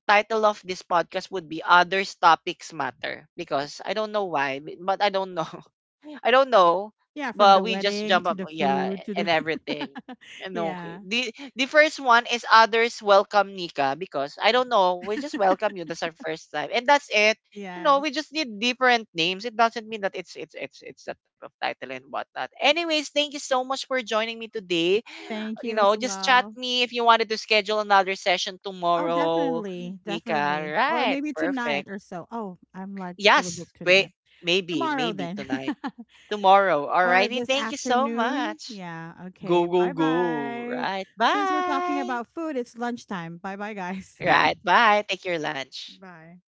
S1: title of this podcast would be others topics matter because I don't know why, but I don't know. I don't know,
S2: Yeah, from the
S1: but we just
S2: wedding
S1: jump
S2: to
S1: up,
S2: the
S1: yeah,
S2: food to the
S1: and everything. And okay,
S2: yeah.
S1: the first one is others welcome Nika, because I don't know, we just welcome you. That's our first time, and that's it. You know,
S2: Yes.
S1: we just need different names. It doesn't mean that it's that type of title and whatnot. Anyways, thank you so much for joining me today.
S2: Thank
S1: You
S2: you
S1: know,
S2: as
S1: just chat
S2: well.
S1: me if you wanted to schedule another session
S2: Oh,
S1: tomorrow,
S2: definitely.
S1: Nika.
S2: Definitely. Or
S1: Right,
S2: maybe tonight
S1: perfect.
S2: or so. Oh, I'm like fully
S1: Yes,
S2: booked
S1: wait,
S2: tonight.
S1: maybe
S2: Tomorrow
S1: maybe
S2: then.
S1: tonight, tomorrow.
S2: Or
S1: Alrighty,
S2: this
S1: thank you so
S2: afternoon?
S1: much.
S2: Yeah,
S1: Go,
S2: okay.
S1: go, go.
S2: Bye-bye.
S1: Right,
S2: Since we're talking
S1: bye.
S2: about food, it's lunchtime. Bye-bye, guys.
S1: Right, bye. Take your lunch.
S2: Bye.